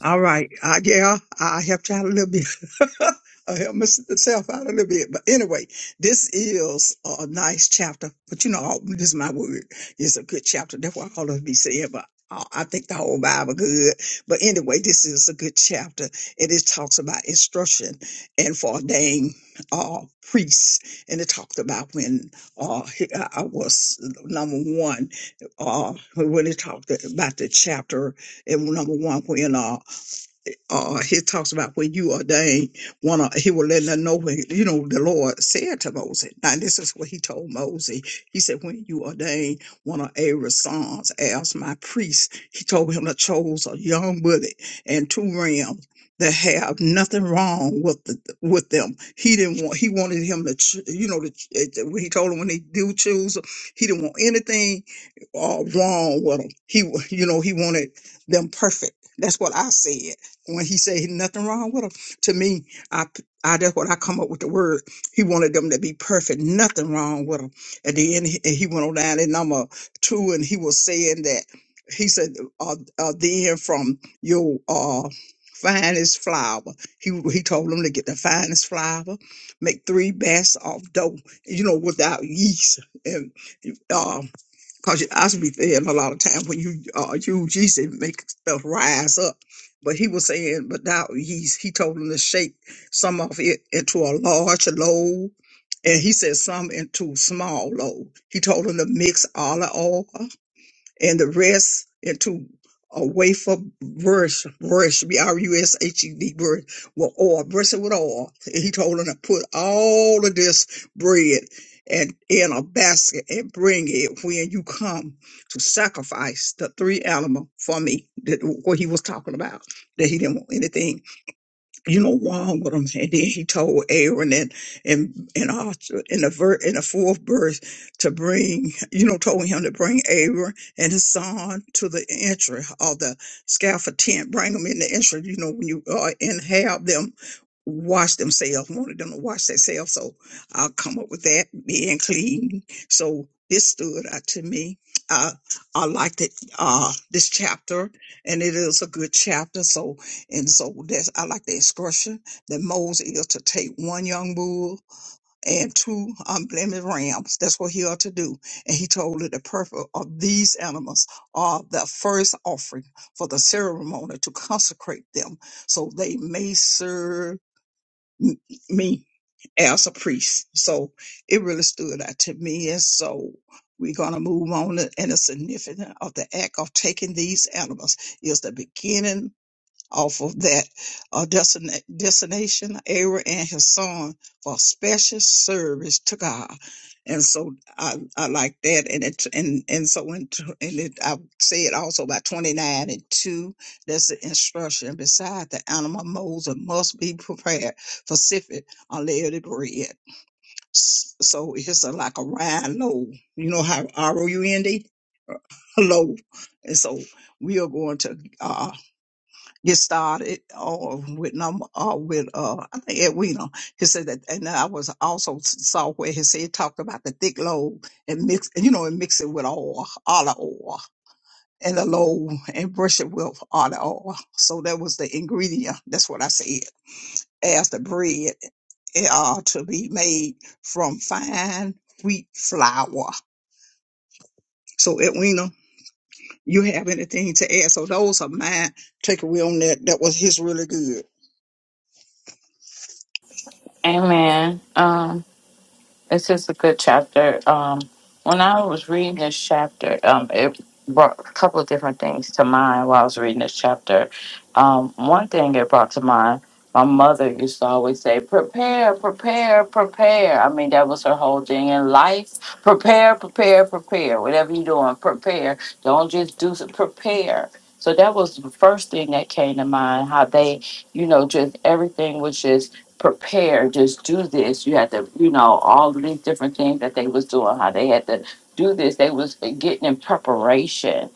All right. I, yeah, I helped you out a little bit. I helped myself out a little bit. But anyway, this is a nice chapter. But you know, all- this is my word. It's a good chapter. That's what all of me said. But I I think the whole Bible good. But anyway, this is a good chapter. And it talks about instruction and for ordained uh, priests. And it talked about when uh, he- I I was number one, uh, when it talked about the chapter and number one, when uh, uh, he talks about when you ordain one, of- he will let them know when, you know, the Lord said to Moses. Now, this is what he told Moses. He said, when you ordain one of Aaron's sons as my priest, he told him to chose a young bullock and two rams that have nothing wrong with the, with them. He didn't want, he wanted him to, ch- you know, to, ch- it- when he told him when he do choose, 'em, he didn't want anything uh, wrong with them. He, wa- you know, he wanted them perfect. That's what I said when he said nothing wrong with them. To me, I I that's what I come up with the word. He wanted them to be perfect, nothing wrong with them. At the end, he, he went on down in number two, and he was saying that he said, uh, uh, "Then from your uh." Finest flour. He he told them to get the finest flour, make three baths of dough, you know, without yeast. And um. Cause your eyes be thin a lot of time when you uh use yeast it make stuff rise up. But he was saying, but now he's he told him to shake some of it into a large load, and he said some into small load. He told him to mix olive oil and the rest into a wafer brush, brush, B-R-U-S-H-E-D, brush, with oil, brush it with oil. He told him to put all of this bread and in a basket and bring it when you come to sacrifice the three animal for me, that, what he was talking about, that he didn't want anything you know, wrong with him. And then he told Aaron and and and also in the ver- in the fourth verse to bring, you know, told him to bring Aaron and his son to the entry of the scaffold tent. Bring them in the entry, you know, when you uh, and have them wash themselves. Wanted them to wash themselves, so I'll come up with that being clean. So this stood out to me. I I liked it. Uh, this chapter, and it is a good chapter. So and so that's I like the instruction that Moses is to take one young bull and two unblemished rams. That's what he ought to do. And he told her the purpose of these animals are the first offering for the ceremony to consecrate them so they may serve m- me as a priest. So it really stood out to me. And so we're going to move on. And the significance of the act of taking these animals is the beginning off of that uh, destina- destination, Aaron and his son for special service to God. And so I, I like that. And it, and, and so in, t- and it, I said also about 29 and 2, that's the instruction. Besides, the animal molds and must be prepared for sifting unleavened bread. S- So it's a, like a rind loaf. You know how R O U N D? Loaf. And so we are going to. uh, get started uh, with num uh, with uh I think Edwina. He said that, and I was also saw where he said talked about the thick load and mix you know and mix it with oil, olive oil, and the load and brush it with olive oil. So that was the ingredient. That's what I said as the bread uh, to be made from fine wheat flour. So Edwina, you have anything to add? So those are my takeaway on that. That was his really good. Amen. This is a good chapter. Um, when I was reading this chapter, um, it brought a couple of different things to mind while I was reading this chapter. Um, one thing it brought to mind, my mother used to always say, prepare, prepare, prepare. I mean, that was her whole thing in life. Prepare, prepare, prepare. Whatever you're doing, prepare. Don't just do some, prepare. So that was the first thing that came to mind, how they, you know, just everything was just prepare, just do this. You had to, you know, all of these different things that they was doing, how they had to do this. They was getting in preparation.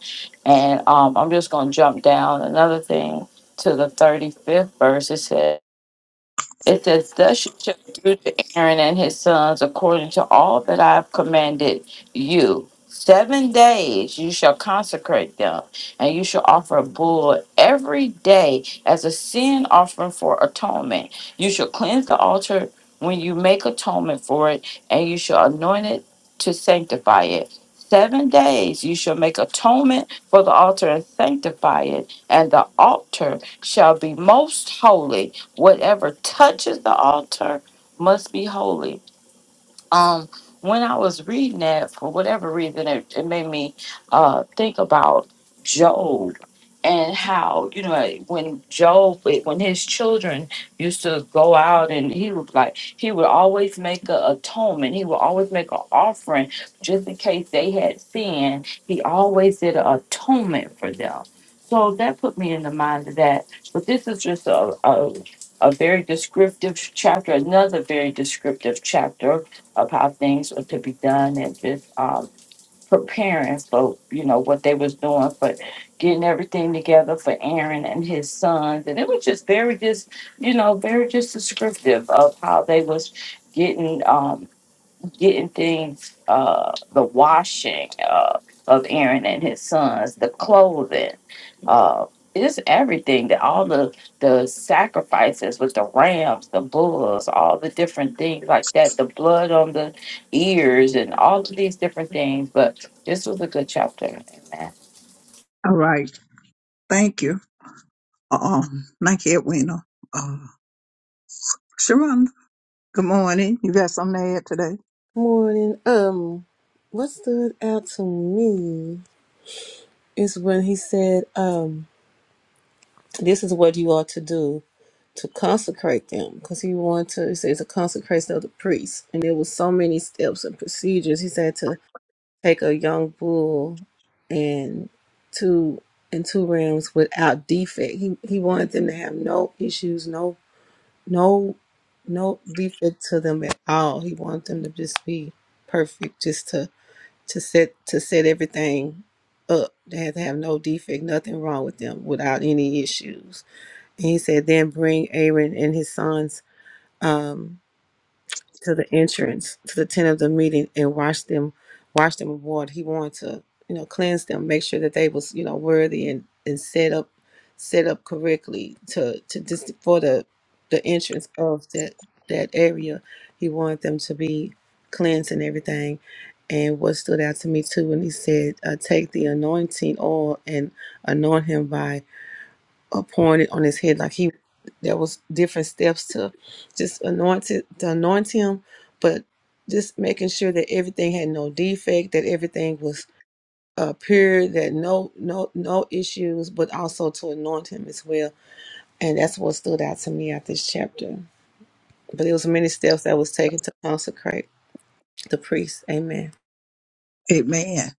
And um, I'm just gonna jump down another thing to the 35th verse. It says. It says, Thus you shall do to Aaron and his sons according to all that I have commanded you. Seven days you shall consecrate them, and you shall offer a bull every day as a sin offering for atonement. You shall cleanse the altar when you make atonement for it, and you shall anoint it to sanctify it. Seven days you shall make atonement for the altar and sanctify it, and the altar shall be most holy Whatever touches the altar must be holy um when I was reading that for whatever reason it, it made me uh think about Job and how you know like, when Job when his children used to go out and he would like he would always make a atonement he would always make an offering just in case they had sinned he always did an atonement for them so that put me in the mind of that but this is just a, a a very descriptive chapter another very descriptive chapter of how things were to be done and just um, preparing for you know what they was doing for getting everything together for Aaron and his sons and it was just very just you know very just descriptive of how they was getting um, getting things, uh, the washing uh, of Aaron and his sons, the clothing, uh, it's everything that all the the sacrifices with the rams, the bulls, all the different things like that, the blood on the ears, and all of these different things. But this was a good chapter, amen. All right. Thank you. Um, thank you, Edwina. Uh, Sharonda, good morning. You got something to add today? Morning. Um, what stood out to me is when he said, um, This is what you are to do to consecrate them, because he wanted to. He says a consecration of the priest, and there was so many steps and procedures. He said to take a young bull and two and two rams without defect. He he wanted them to have no issues, no no no defect to them at all. He wanted them to just be perfect, just to to set to set everything up. They had to have no defect, nothing wrong with them without any issues he said, Then bring Aaron and his sons um, to the entrance, to the tent of the meeting, and wash them, wash them with water. He wanted to, you know, cleanse them, make sure that they was, you know, worthy and, and set up set up correctly to to just for the the entrance of that that area. He wanted them to be cleansed and everything. And what stood out to me too when he said, uh, take the anointing oil and anoint him by appointed on his head. Like he, there was different steps to just anoint it, to anoint him, but just making sure that everything had no defect, that everything was uh, pure, that no no no issues, but also to anoint him as well. And that's what stood out to me at this chapter. But it was many steps that was taken to consecrate the priest. Amen. Amen.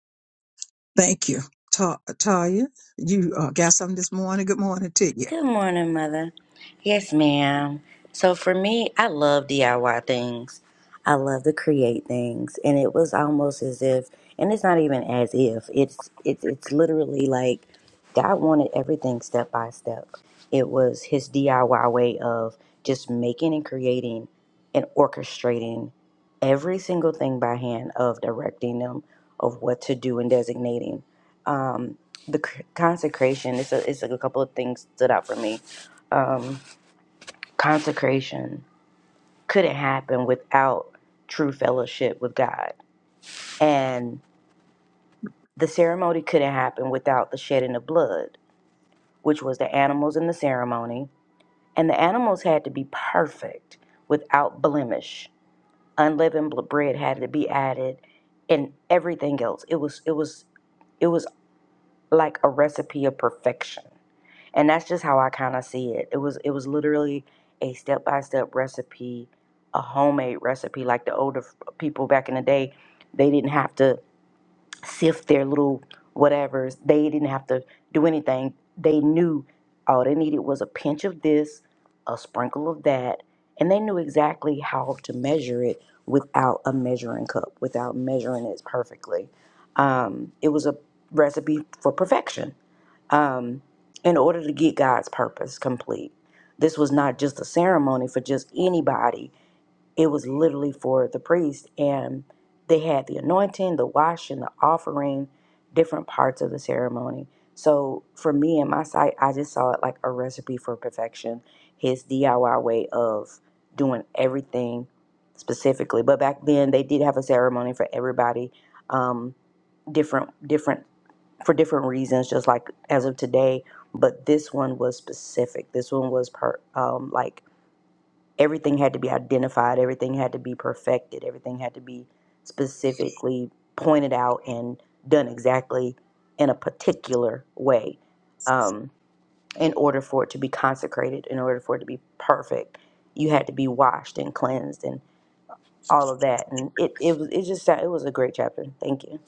Thank you. Ta- Taya, you uh, got something this morning? Good morning to you. Good morning, Mother. Yes, ma'am. So for me, I love DIY things. I love to create things, and it was almost as if, and it's not even as if. It's it's it's literally like God wanted everything step by step. It was His DIY way of just making and creating and orchestrating every single thing by hand, of directing them, of what to do and designating. Um, the c- consecration it's a, it's a couple of things stood out for me um consecration couldn't happen without true fellowship with god and the ceremony couldn't happen without the shedding of blood which was the animals in the ceremony and the animals had to be perfect without blemish unleavened bl- bread had to be added and everything else it was it was it was like a recipe of perfection and that's just how I kind of see it. It was it was literally a step by step recipe, a homemade recipe. Like the older f- people back in the day, they didn't have to sift their little whatevers. They didn't have to do anything. They knew all they needed was a pinch of this, a sprinkle of that, and they knew exactly how to measure it without a measuring cup, without measuring it perfectly. Um, it was a recipe for perfection um, in order to get God's purpose complete. This was not just a ceremony for just anybody, it was literally for the priest. And they had the anointing, the washing, the offering, different parts of the ceremony. So for me and my sight, I just saw it like a recipe for perfection, his DIY way of doing everything specifically. But back then they did have a ceremony for everybody, um, different different for different reasons, just like as of today. But this one was specific. This one was per um, like everything had to be identified, everything had to be perfected, everything had to be specifically pointed out and done exactly in a particular way um, in order for it to be consecrated, in order for it to be perfect. You had to be washed and cleansed and all of that, and it it was it just it was a great chapter. Thank you,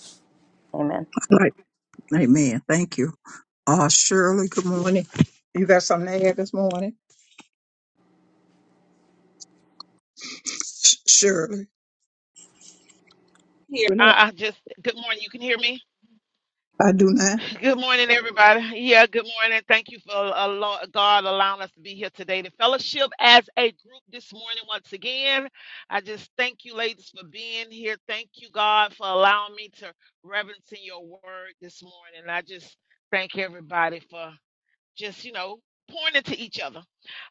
Amen. All right. Amen. Thank you. Uh, Shirley, good morning. You got something to add this morning? Sh- Shirley. Here, Renette. I, I just good morning. You can hear me. I do not. Good morning, everybody. Yeah, good morning. Thank you for uh, lo- God allowing us to be here today to fellowship as a group this morning once again. I just thank you, ladies, for being here. Thank you, God, for allowing me to reverence in your word this morning. I just thank everybody for just you know pointing to each other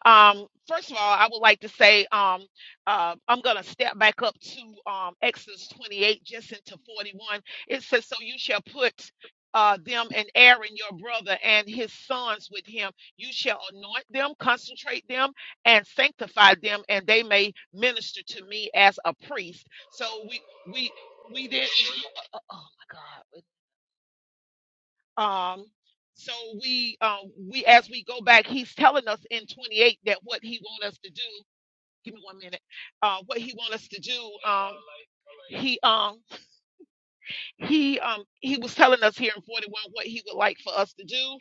um first of all i would like to say um uh, i'm gonna step back up to um exodus 28 just into 41 it says so you shall put uh, them and Aaron your brother and his sons with him. You shall anoint them, consecrate them, and sanctify them, and they may minister to me as a priest. So we we we did. Oh my God! Um, so we um, we as we go back, he's telling us in 28 that what he want us to do. Give me one minute. Uh, what he want us to do. Um, he um he um he was telling us here in 41 what he would like for us to do.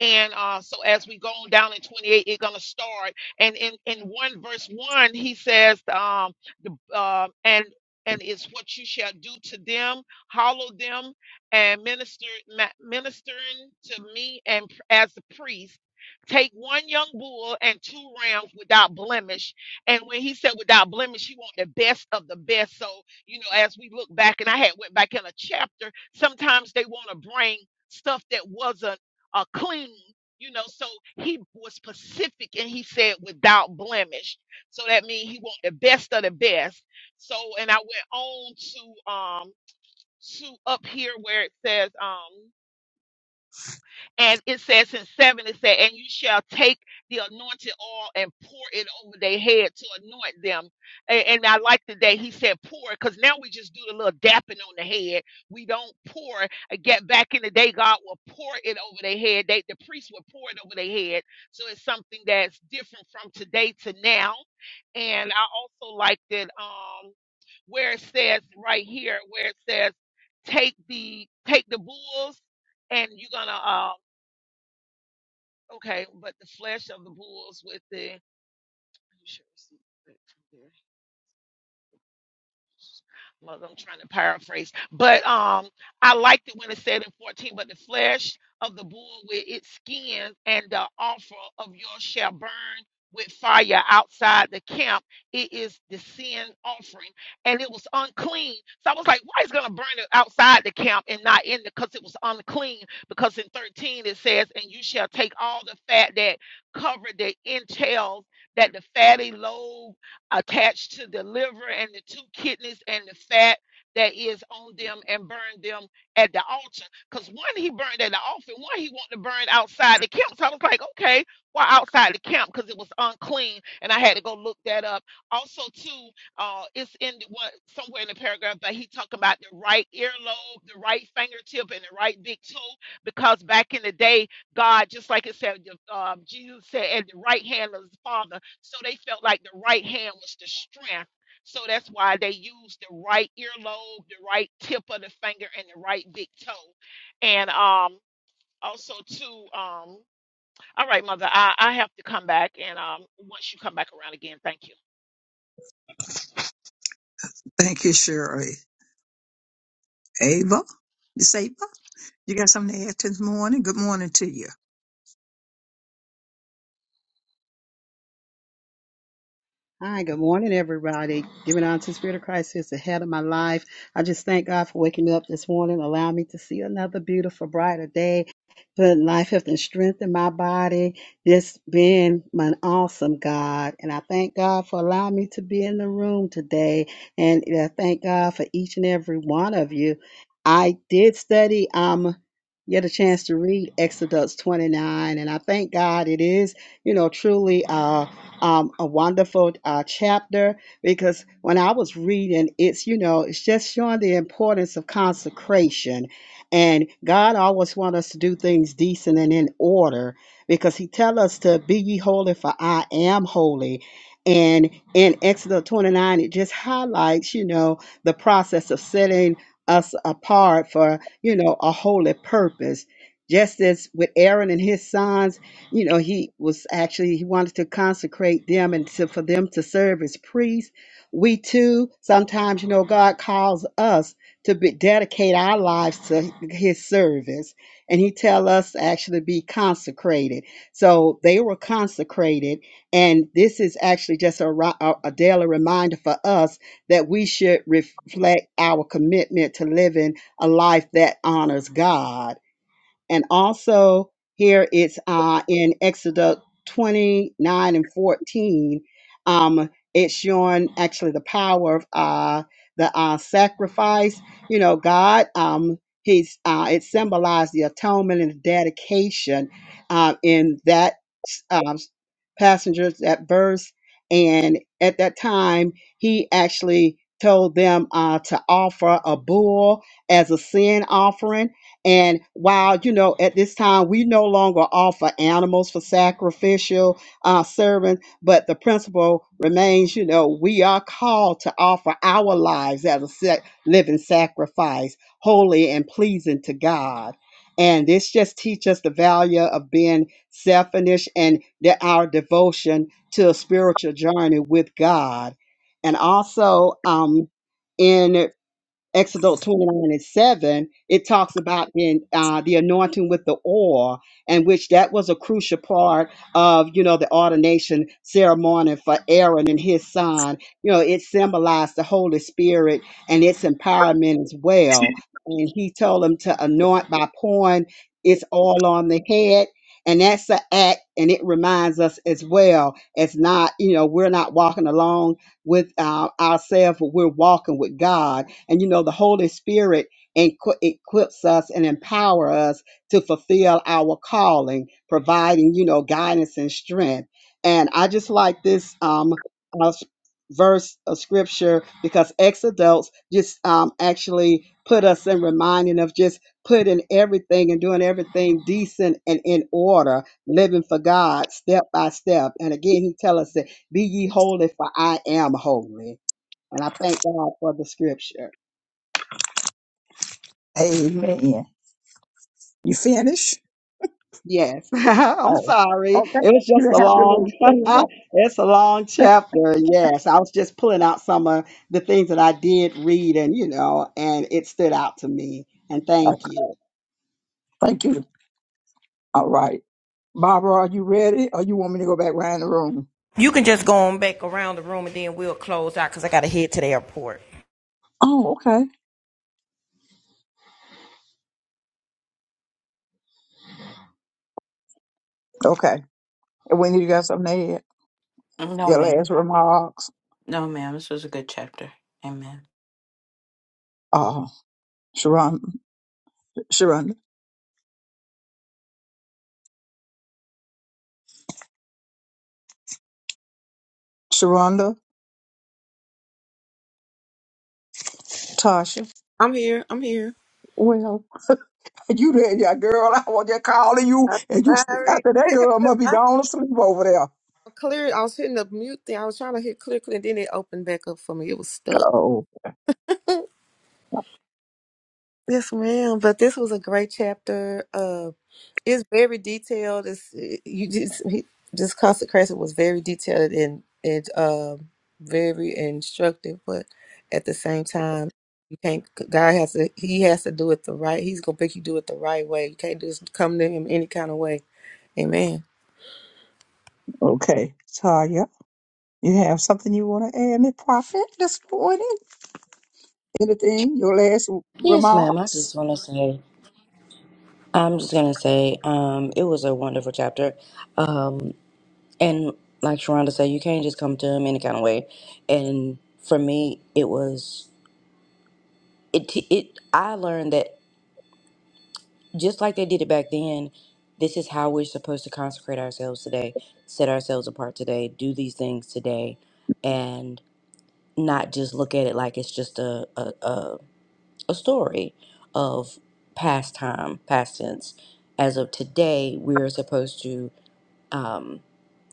And uh, so as we go on down in 28, it's gonna start. And in in one verse one, he says, um, the uh, and and it's what you shall do to them, hollow them, and minister ma- ministering to me and pr- as the priest. Take one young bull and two rams without blemish. And when he said without blemish, he want the best of the best. So you know, as we look back, and I had went back in a chapter, sometimes they want to bring stuff that wasn't uh, clean, you know. So he was specific, and he said without blemish. So that means he want the best of the best. So, and I went on to um to up here where it says um. And it says in seven, it said, and you shall take the anointed oil and pour it over their head to anoint them. And, and I like the day he said pour, because now we just do the little dapping on the head. We don't pour. Uh, Get back in the day, God will pour it over their head. They, the priest will pour it over their head. So it's something that's different from today to now. And I also liked it um, where it says right here, where it says, take the take the bulls and you're gonna uh, Okay, but the flesh of the bulls with the. I'm sure I see it from there. I'm I'm trying to paraphrase, but um, I liked it when it said in 14, but the flesh of the bull with its skin and the offer of yours shall burn with fire outside the camp. It is the sin offering, and it was unclean. So I was like, why is it gonna burn it outside the camp and not in the? Because it was unclean. Because in 13 it says, and you shall take all the fat that covered the entails that the fatty lobe attached to the liver and the two kidneys and the fat that is on them and burn them at the altar. Because one he burned at the altar, one he wanted to burn outside the camp. So I was like, okay, why outside the camp? Because it was unclean, and I had to go look that up. Also, too, uh, it's in the one somewhere in the paragraph that he talked about the right earlobe, the right fingertip, and the right big toe. Because back in the day, God, just like it said, um, Jesus said, at the right hand of his father so they felt like the right hand was the strength. So that's why they used the right earlobe, the right tip of the finger, and the right big toe. And um, also too, um, all right, mother, I, I have to come back, and um, once you come back around again, thank you. Thank you, Shirley. Ava, Miss Ava, you got something to add this morning? Good morning to you. Hi, good morning, everybody. Giving on to the Spirit of Christ who is the head of my life. I just thank God for waking me up this morning, allowing me to see another beautiful, brighter day, Put life, health, and strength in my body. Just being an awesome God. And I thank God for allowing me to be in the room today. And I thank God for each and every one of you. I did study, um, get a chance to read Exodus 29, and I thank God it is, you know, truly. uh, um, a wonderful uh, chapter because when I was reading, it's, you know, it's just showing the importance of consecration. And God always wants us to do things decent and in order because He tells us to be ye holy, for I am holy. And in Exodus 29, it just highlights, you know, the process of setting us apart for, you know, a holy purpose. Just as with Aaron and his sons you know, he was actually, he wanted to consecrate them and to, for them to serve as priests. We too, sometimes, you know, God calls us to be, dedicate our lives to his service. And he tell us to actually be consecrated. So they were consecrated. And this is actually just a, ri- a, a daily reminder for us that we should reflect our commitment to living a life that honors God and also here it's uh, in Exodus 29 and 14. Um, it's showing actually the power of uh, the uh, sacrifice. You know, God, um, he's uh, it symbolized the atonement and the dedication uh, in that um, passengers that verse. And at that time, he actually told them uh, to offer a bull as a sin offering and while, you know, at this time, we no longer offer animals for sacrificial uh, serving, but the principle remains, you know, we are called to offer our lives as a sa- living sacrifice, holy and pleasing to God. And this just teaches us the value of being selfish and that our devotion to a spiritual journey with God. And also, um, in Exodus 29 and 7, it talks about in uh, the anointing with the oil, and which that was a crucial part of, you know, the ordination ceremony for Aaron and his son. You know, it symbolized the Holy Spirit and its empowerment as well. And he told them to anoint by pouring its oil on the head. And that's an act, and it reminds us as well. It's not, you know, we're not walking along with uh, ourselves, but we're walking with God and you know, the Holy Spirit equi- equips us and empower us to fulfill our calling, providing, you know, guidance and strength. And I just like this um, uh, s- verse of scripture because ex-adults just um, actually put us in reminding of just putting everything and doing everything decent and in order, living for God step by step. And again, he tell us that be ye holy for I am holy. And I thank God for the scripture. Amen. You finished? Yes, I'm Oh, sorry. okay. It was You just a didn't have your little long, thing on. it's a long chapter. Yes, I was just pulling out some of the things that I did read and, you know, and it stood out to me. And I- thank you. Thank you. All right. Barbara, are you ready? Or you want me to go back around the room? You can just go on back around the room and then we'll close out because I got to head to the airport. Oh, okay. Okay. And Wendy, you got something to add? No, Your ma'am. last remarks? No, ma'am. This was a good chapter. Amen. Uh, Sharon, Sharon, Sharonda, Tasha. I'm here. I'm here. Well, you there, yeah, girl. I was just calling you, I'm and you. st- I sorry. said that girl must be I gone to sleep over there. clear. I was hitting the mute thing. I was trying to hit clear, clear, and then it opened back up for me. It was stuck. Oh. Yes, ma'am. But this was a great chapter. Uh, it's very detailed. It's you just he, this consecration was very detailed and and um very instructive, but at the same time, you can't. God has to. He has to do it the right. He's gonna make you do it the right way. You can't just come to him any kind of way. Okay, Tanya, you have something you want to add, Miss Prophet, this morning? Anything? Your last Yes, ma'am. I remarks? just want to say I'm just gonna say, um, it was a wonderful chapter, um, and like Sharonda said, you can't just come to him any kind of way. And for me, it was it. It I learned that just like they did it back then, this is how we're supposed to consecrate ourselves today, set ourselves apart today, do these things today, and not just look at it like it's just a a, a, a story of past time, past tense. As of today, we are supposed to um,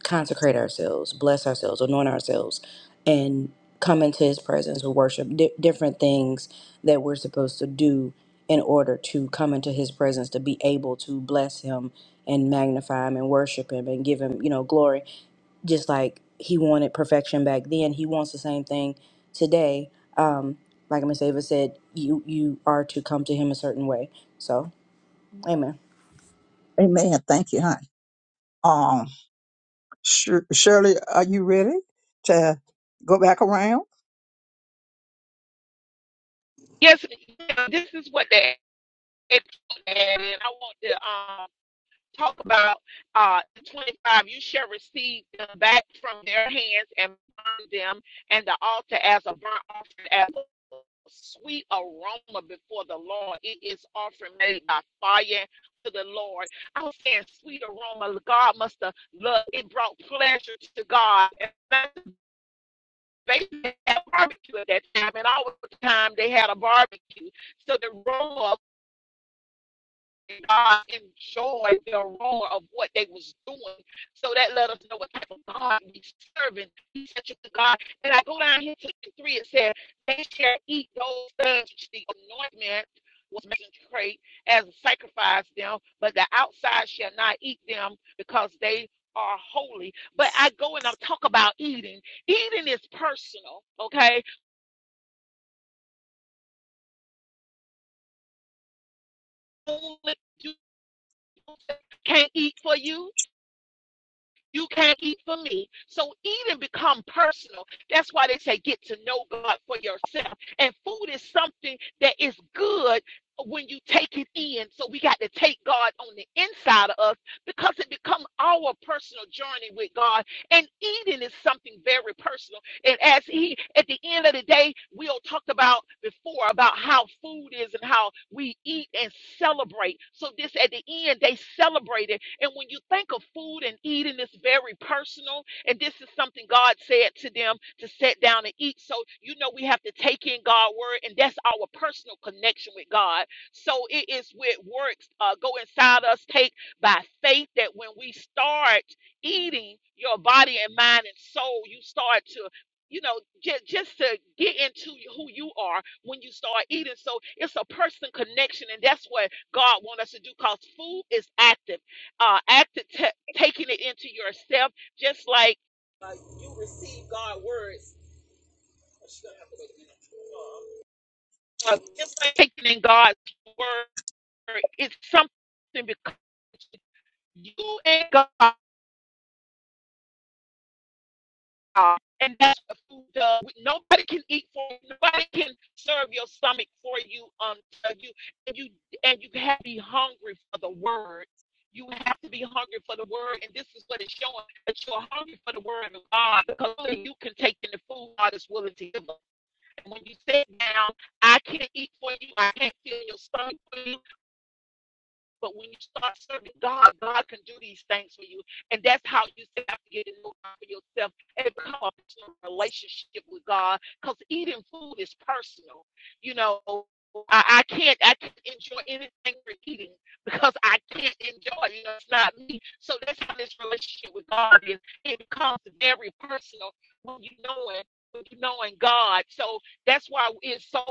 consecrate ourselves, bless ourselves, anoint ourselves, and come into His presence with worship. Di different things that we're supposed to do in order to come into His presence, to be able to bless Him and magnify Him and worship Him and give Him, you know, glory. Just like He wanted perfection back then, He wants the same thing today. Um, like Miss Ava said, you you are to come to Him a certain way. So, Amen. Amen. Thank you, honey. Shir- Shirley, are you ready to go back around? Yes, ma'am, this is what they. And I want to. um. talk about uh, 25 you shall receive them back from their hands and burn them and the altar as a burnt offering as a sweet aroma before the lord it is offering made by fire to the lord i was saying sweet aroma god must have loved it brought pleasure to god and they had a barbecue at that time and all the time they had a barbecue so the aroma God enjoyed the aroma of what they was doing. So that let us know what type of God we serving. He's such a good God. And I go down here to three, it said, they shall eat those things which the anointment was consecrate as a sacrifice them, but the outside shall not eat them because they are holy. But I go and I talk about eating. Eating is personal, okay? Only you can't eat for you. You can't eat for me. So eating become personal. That's why they say get to know God for yourself. And food is something that is good when you take it in. So we got to take God on the inside of us because it becomes our personal journey with God. And eating is something very personal. And as he, at the end of the day, we all talked about before about how food is and how we eat and celebrate. So this, at the end, they celebrated. And when you think of food and eating, it's very personal. And this is something God said to them to sit down and eat. So you know we have to take in God's word, and that's our personal connection with God. So it is with works uh, go inside us, take by faith that when we start eating your body and mind and soul, you start to you know, just just to get into who you are when you start eating. So it's a person connection, and that's what God wants us to do. Cause food is active, uh, active ta taking it into yourself, just like uh, you receive God's words. Uh, just like taking in God's word, it's something because you and God. God. And that's what food does. Nobody can eat for you. Nobody can serve your stomach for you until you and you and you have to be hungry for the word. You have to be hungry for the word, and this is what it's showing that you're hungry for the word of God because only you can take in the food God is willing to give us. And when you sit down, I can't eat for you. I can't fill your stomach for you. But when you start serving God, God can do these things for you. And that's how you have to get it over for yourself and become a personal relationship with God. Because eating food is personal. You know, I, I can't I can't enjoy anything we're eating because I can't enjoy it. You know, it's not me. So that's how this relationship with God is. It becomes very personal when you know it, when you knowing God. So that's why it's so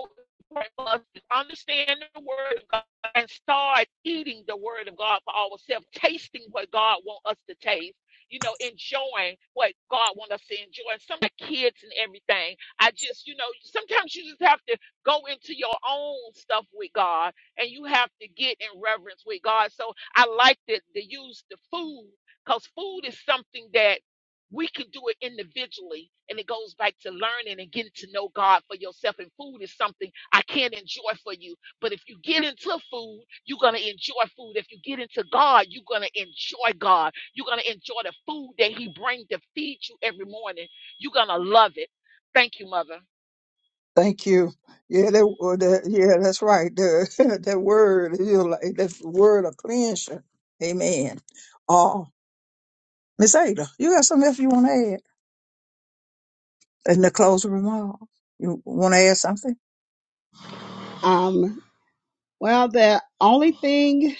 important for us to understand the word of God and start eating the word of God for ourselves, tasting what God wants us to taste, you know, enjoying what God wants us to enjoy. some of the kids and everything, I just, you know, sometimes you just have to go into your own stuff with God and you have to get in reverence with God. So I like to, to use the food because food is something that we can do it individually and it goes back to learning and getting to know God for yourself. And food is something I can't enjoy for you. But if you get into food, you're going to enjoy food. If you get into God, you're going to enjoy God. You're going to enjoy the food that He brings to feed you every morning. You're going to love it. Thank you, Mother. Thank you. Yeah, that, well, that yeah, that's right. The, that word, you know, like that word of cleansing. Amen. Oh, Miss Ada, you got something else you want to add in the closing remark? You want to add something? Um, Well, the only thing,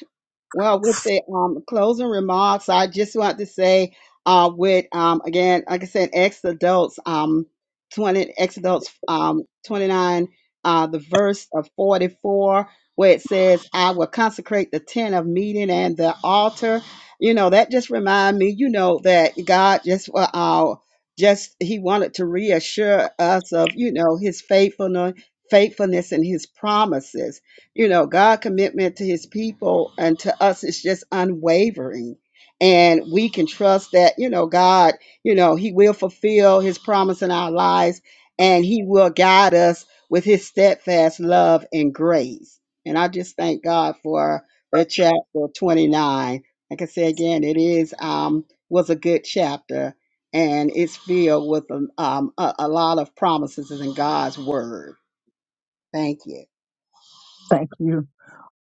well, with the um, closing remarks, I just want to say, uh, with um, again, like I said, ex adults, um, twenty ex adults, um, twenty nine, uh, the verse of forty four, where it says, "I will consecrate the tent of meeting and the altar." You know, that just remind me, you know, that God just uh, uh, just He wanted to reassure us of, you know, His faithfulness, faithfulness, and His promises you know god commitment to his people and to us is just unwavering and we can trust that you know god you know he will fulfill his promise in our lives and he will guide us with his steadfast love and grace and i just thank god for the chapter 29 like i said again it is um was a good chapter and it's filled with um, a, a lot of promises in god's word thank you Thank you.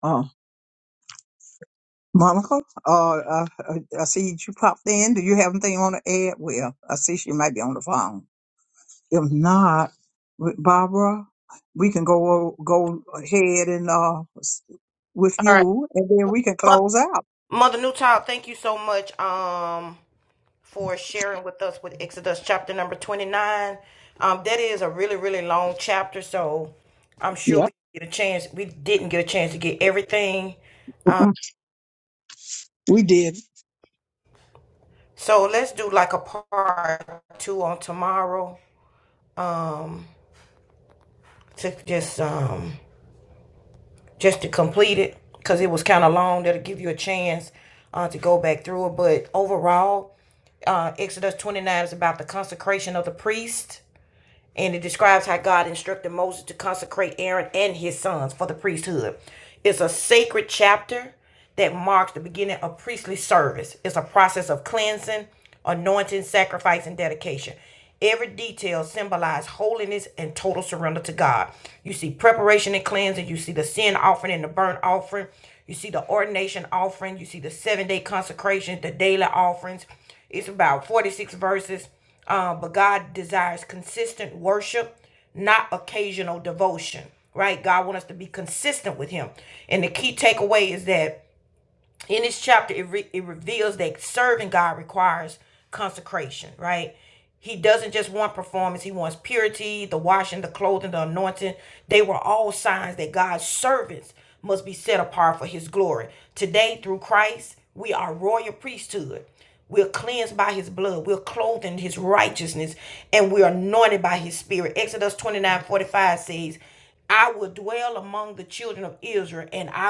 Oh, Monica, uh, I, I I see you popped in. Do you have anything you want to add? Well, I see she might be on the phone. If not, with Barbara, we can go go ahead and uh with All right. you, and then we can close out. Mother Newtown, thank you so much um, for sharing with us with Exodus chapter number 29. Um, that is a really, really long chapter, so I'm sure we Yep. get a chance. We didn't get a chance to get everything. Mhm. We did. So let's do like a part two on tomorrow. to just um just to complete it because it was kind of long that'll give you a chance uh, to go back through it but overall uh, exodus 29 is about the consecration of the priest and it describes how god instructed moses to consecrate aaron and his sons for the priesthood it's a sacred chapter that marks the beginning of priestly service it's a process of cleansing consistent and the key takeaway chapter, it, re- it reveals that serving God requires consecration, right? He doesn't just want performance, he wants purity, the washing, the clothing, the anointing. They were all signs that God's servants must be set apart for his glory. Today, through Christ, we are royal priesthood. We're cleansed by his blood. We're clothed in his righteousness and we're anointed by his spirit. Exodus 29 45 says, I will dwell among the children of Israel and I.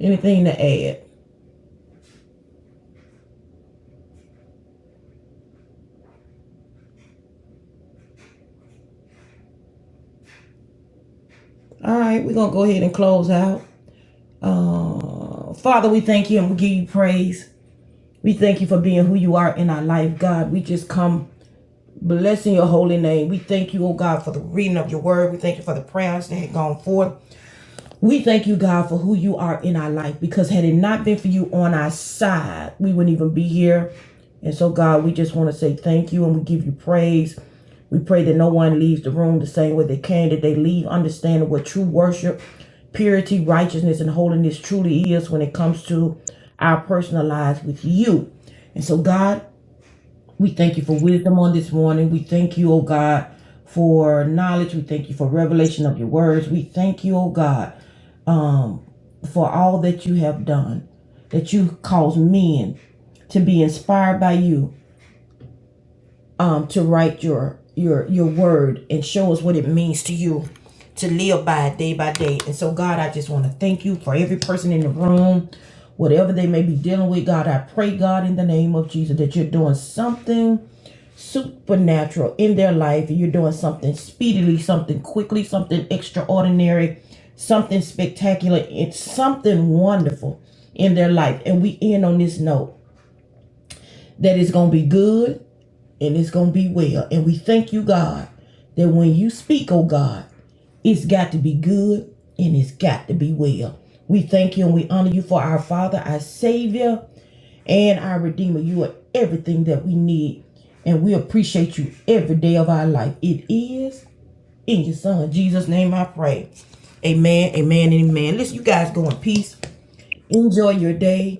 Anything to add? All right, we're going to go ahead and close out. Uh, Father, we thank you and we give you praise. We thank you for being who you are in our life, God. We just come blessing your holy name. We thank you, oh God, for the reading of your word. We thank you for the prayers that had gone forth. We thank you, God, for who you are in our life because had it not been for you on our side, we wouldn't even be here. And so, God, we just want to say thank you and we give you praise. We pray that no one leaves the room the same way they came, that they leave understanding what true worship, purity, righteousness, and holiness truly is when it comes to our personal lives with you. And so, God, we thank you for wisdom on this morning. We thank you, oh God, for knowledge. We thank you for revelation of your words. We thank you, oh God, um, for all that you have done, that you caused men to be inspired by you um, to write your your your word and show us what it means to you to live by it day by day. And so, God, I just want to thank you for every person in the room, whatever they may be dealing with. God, I pray, God, in the name of Jesus, that you're doing something supernatural in their life. and You're doing something speedily, something quickly, something extraordinary, something spectacular. It's something wonderful in their life. And we end on this note that it's going to be good and it's going to be well. And we thank you, God, that when you speak, oh God, it's got to be good and it's got to be well. We thank you and we honor you for our Father, our Savior, and our Redeemer. You are everything that we need, and we appreciate you every day of our life. It is in your Son, Jesus' name I pray. Amen, amen, and amen. Listen, you guys go in peace. Enjoy your day.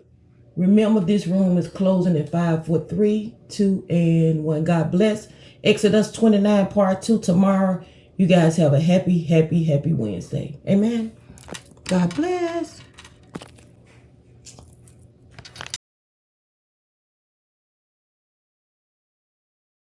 Remember, this room is closing at five, four, three, two, and one. God bless. Exodus 29, part two, tomorrow. You guys have a happy, happy, happy Wednesday. Amen. God bless.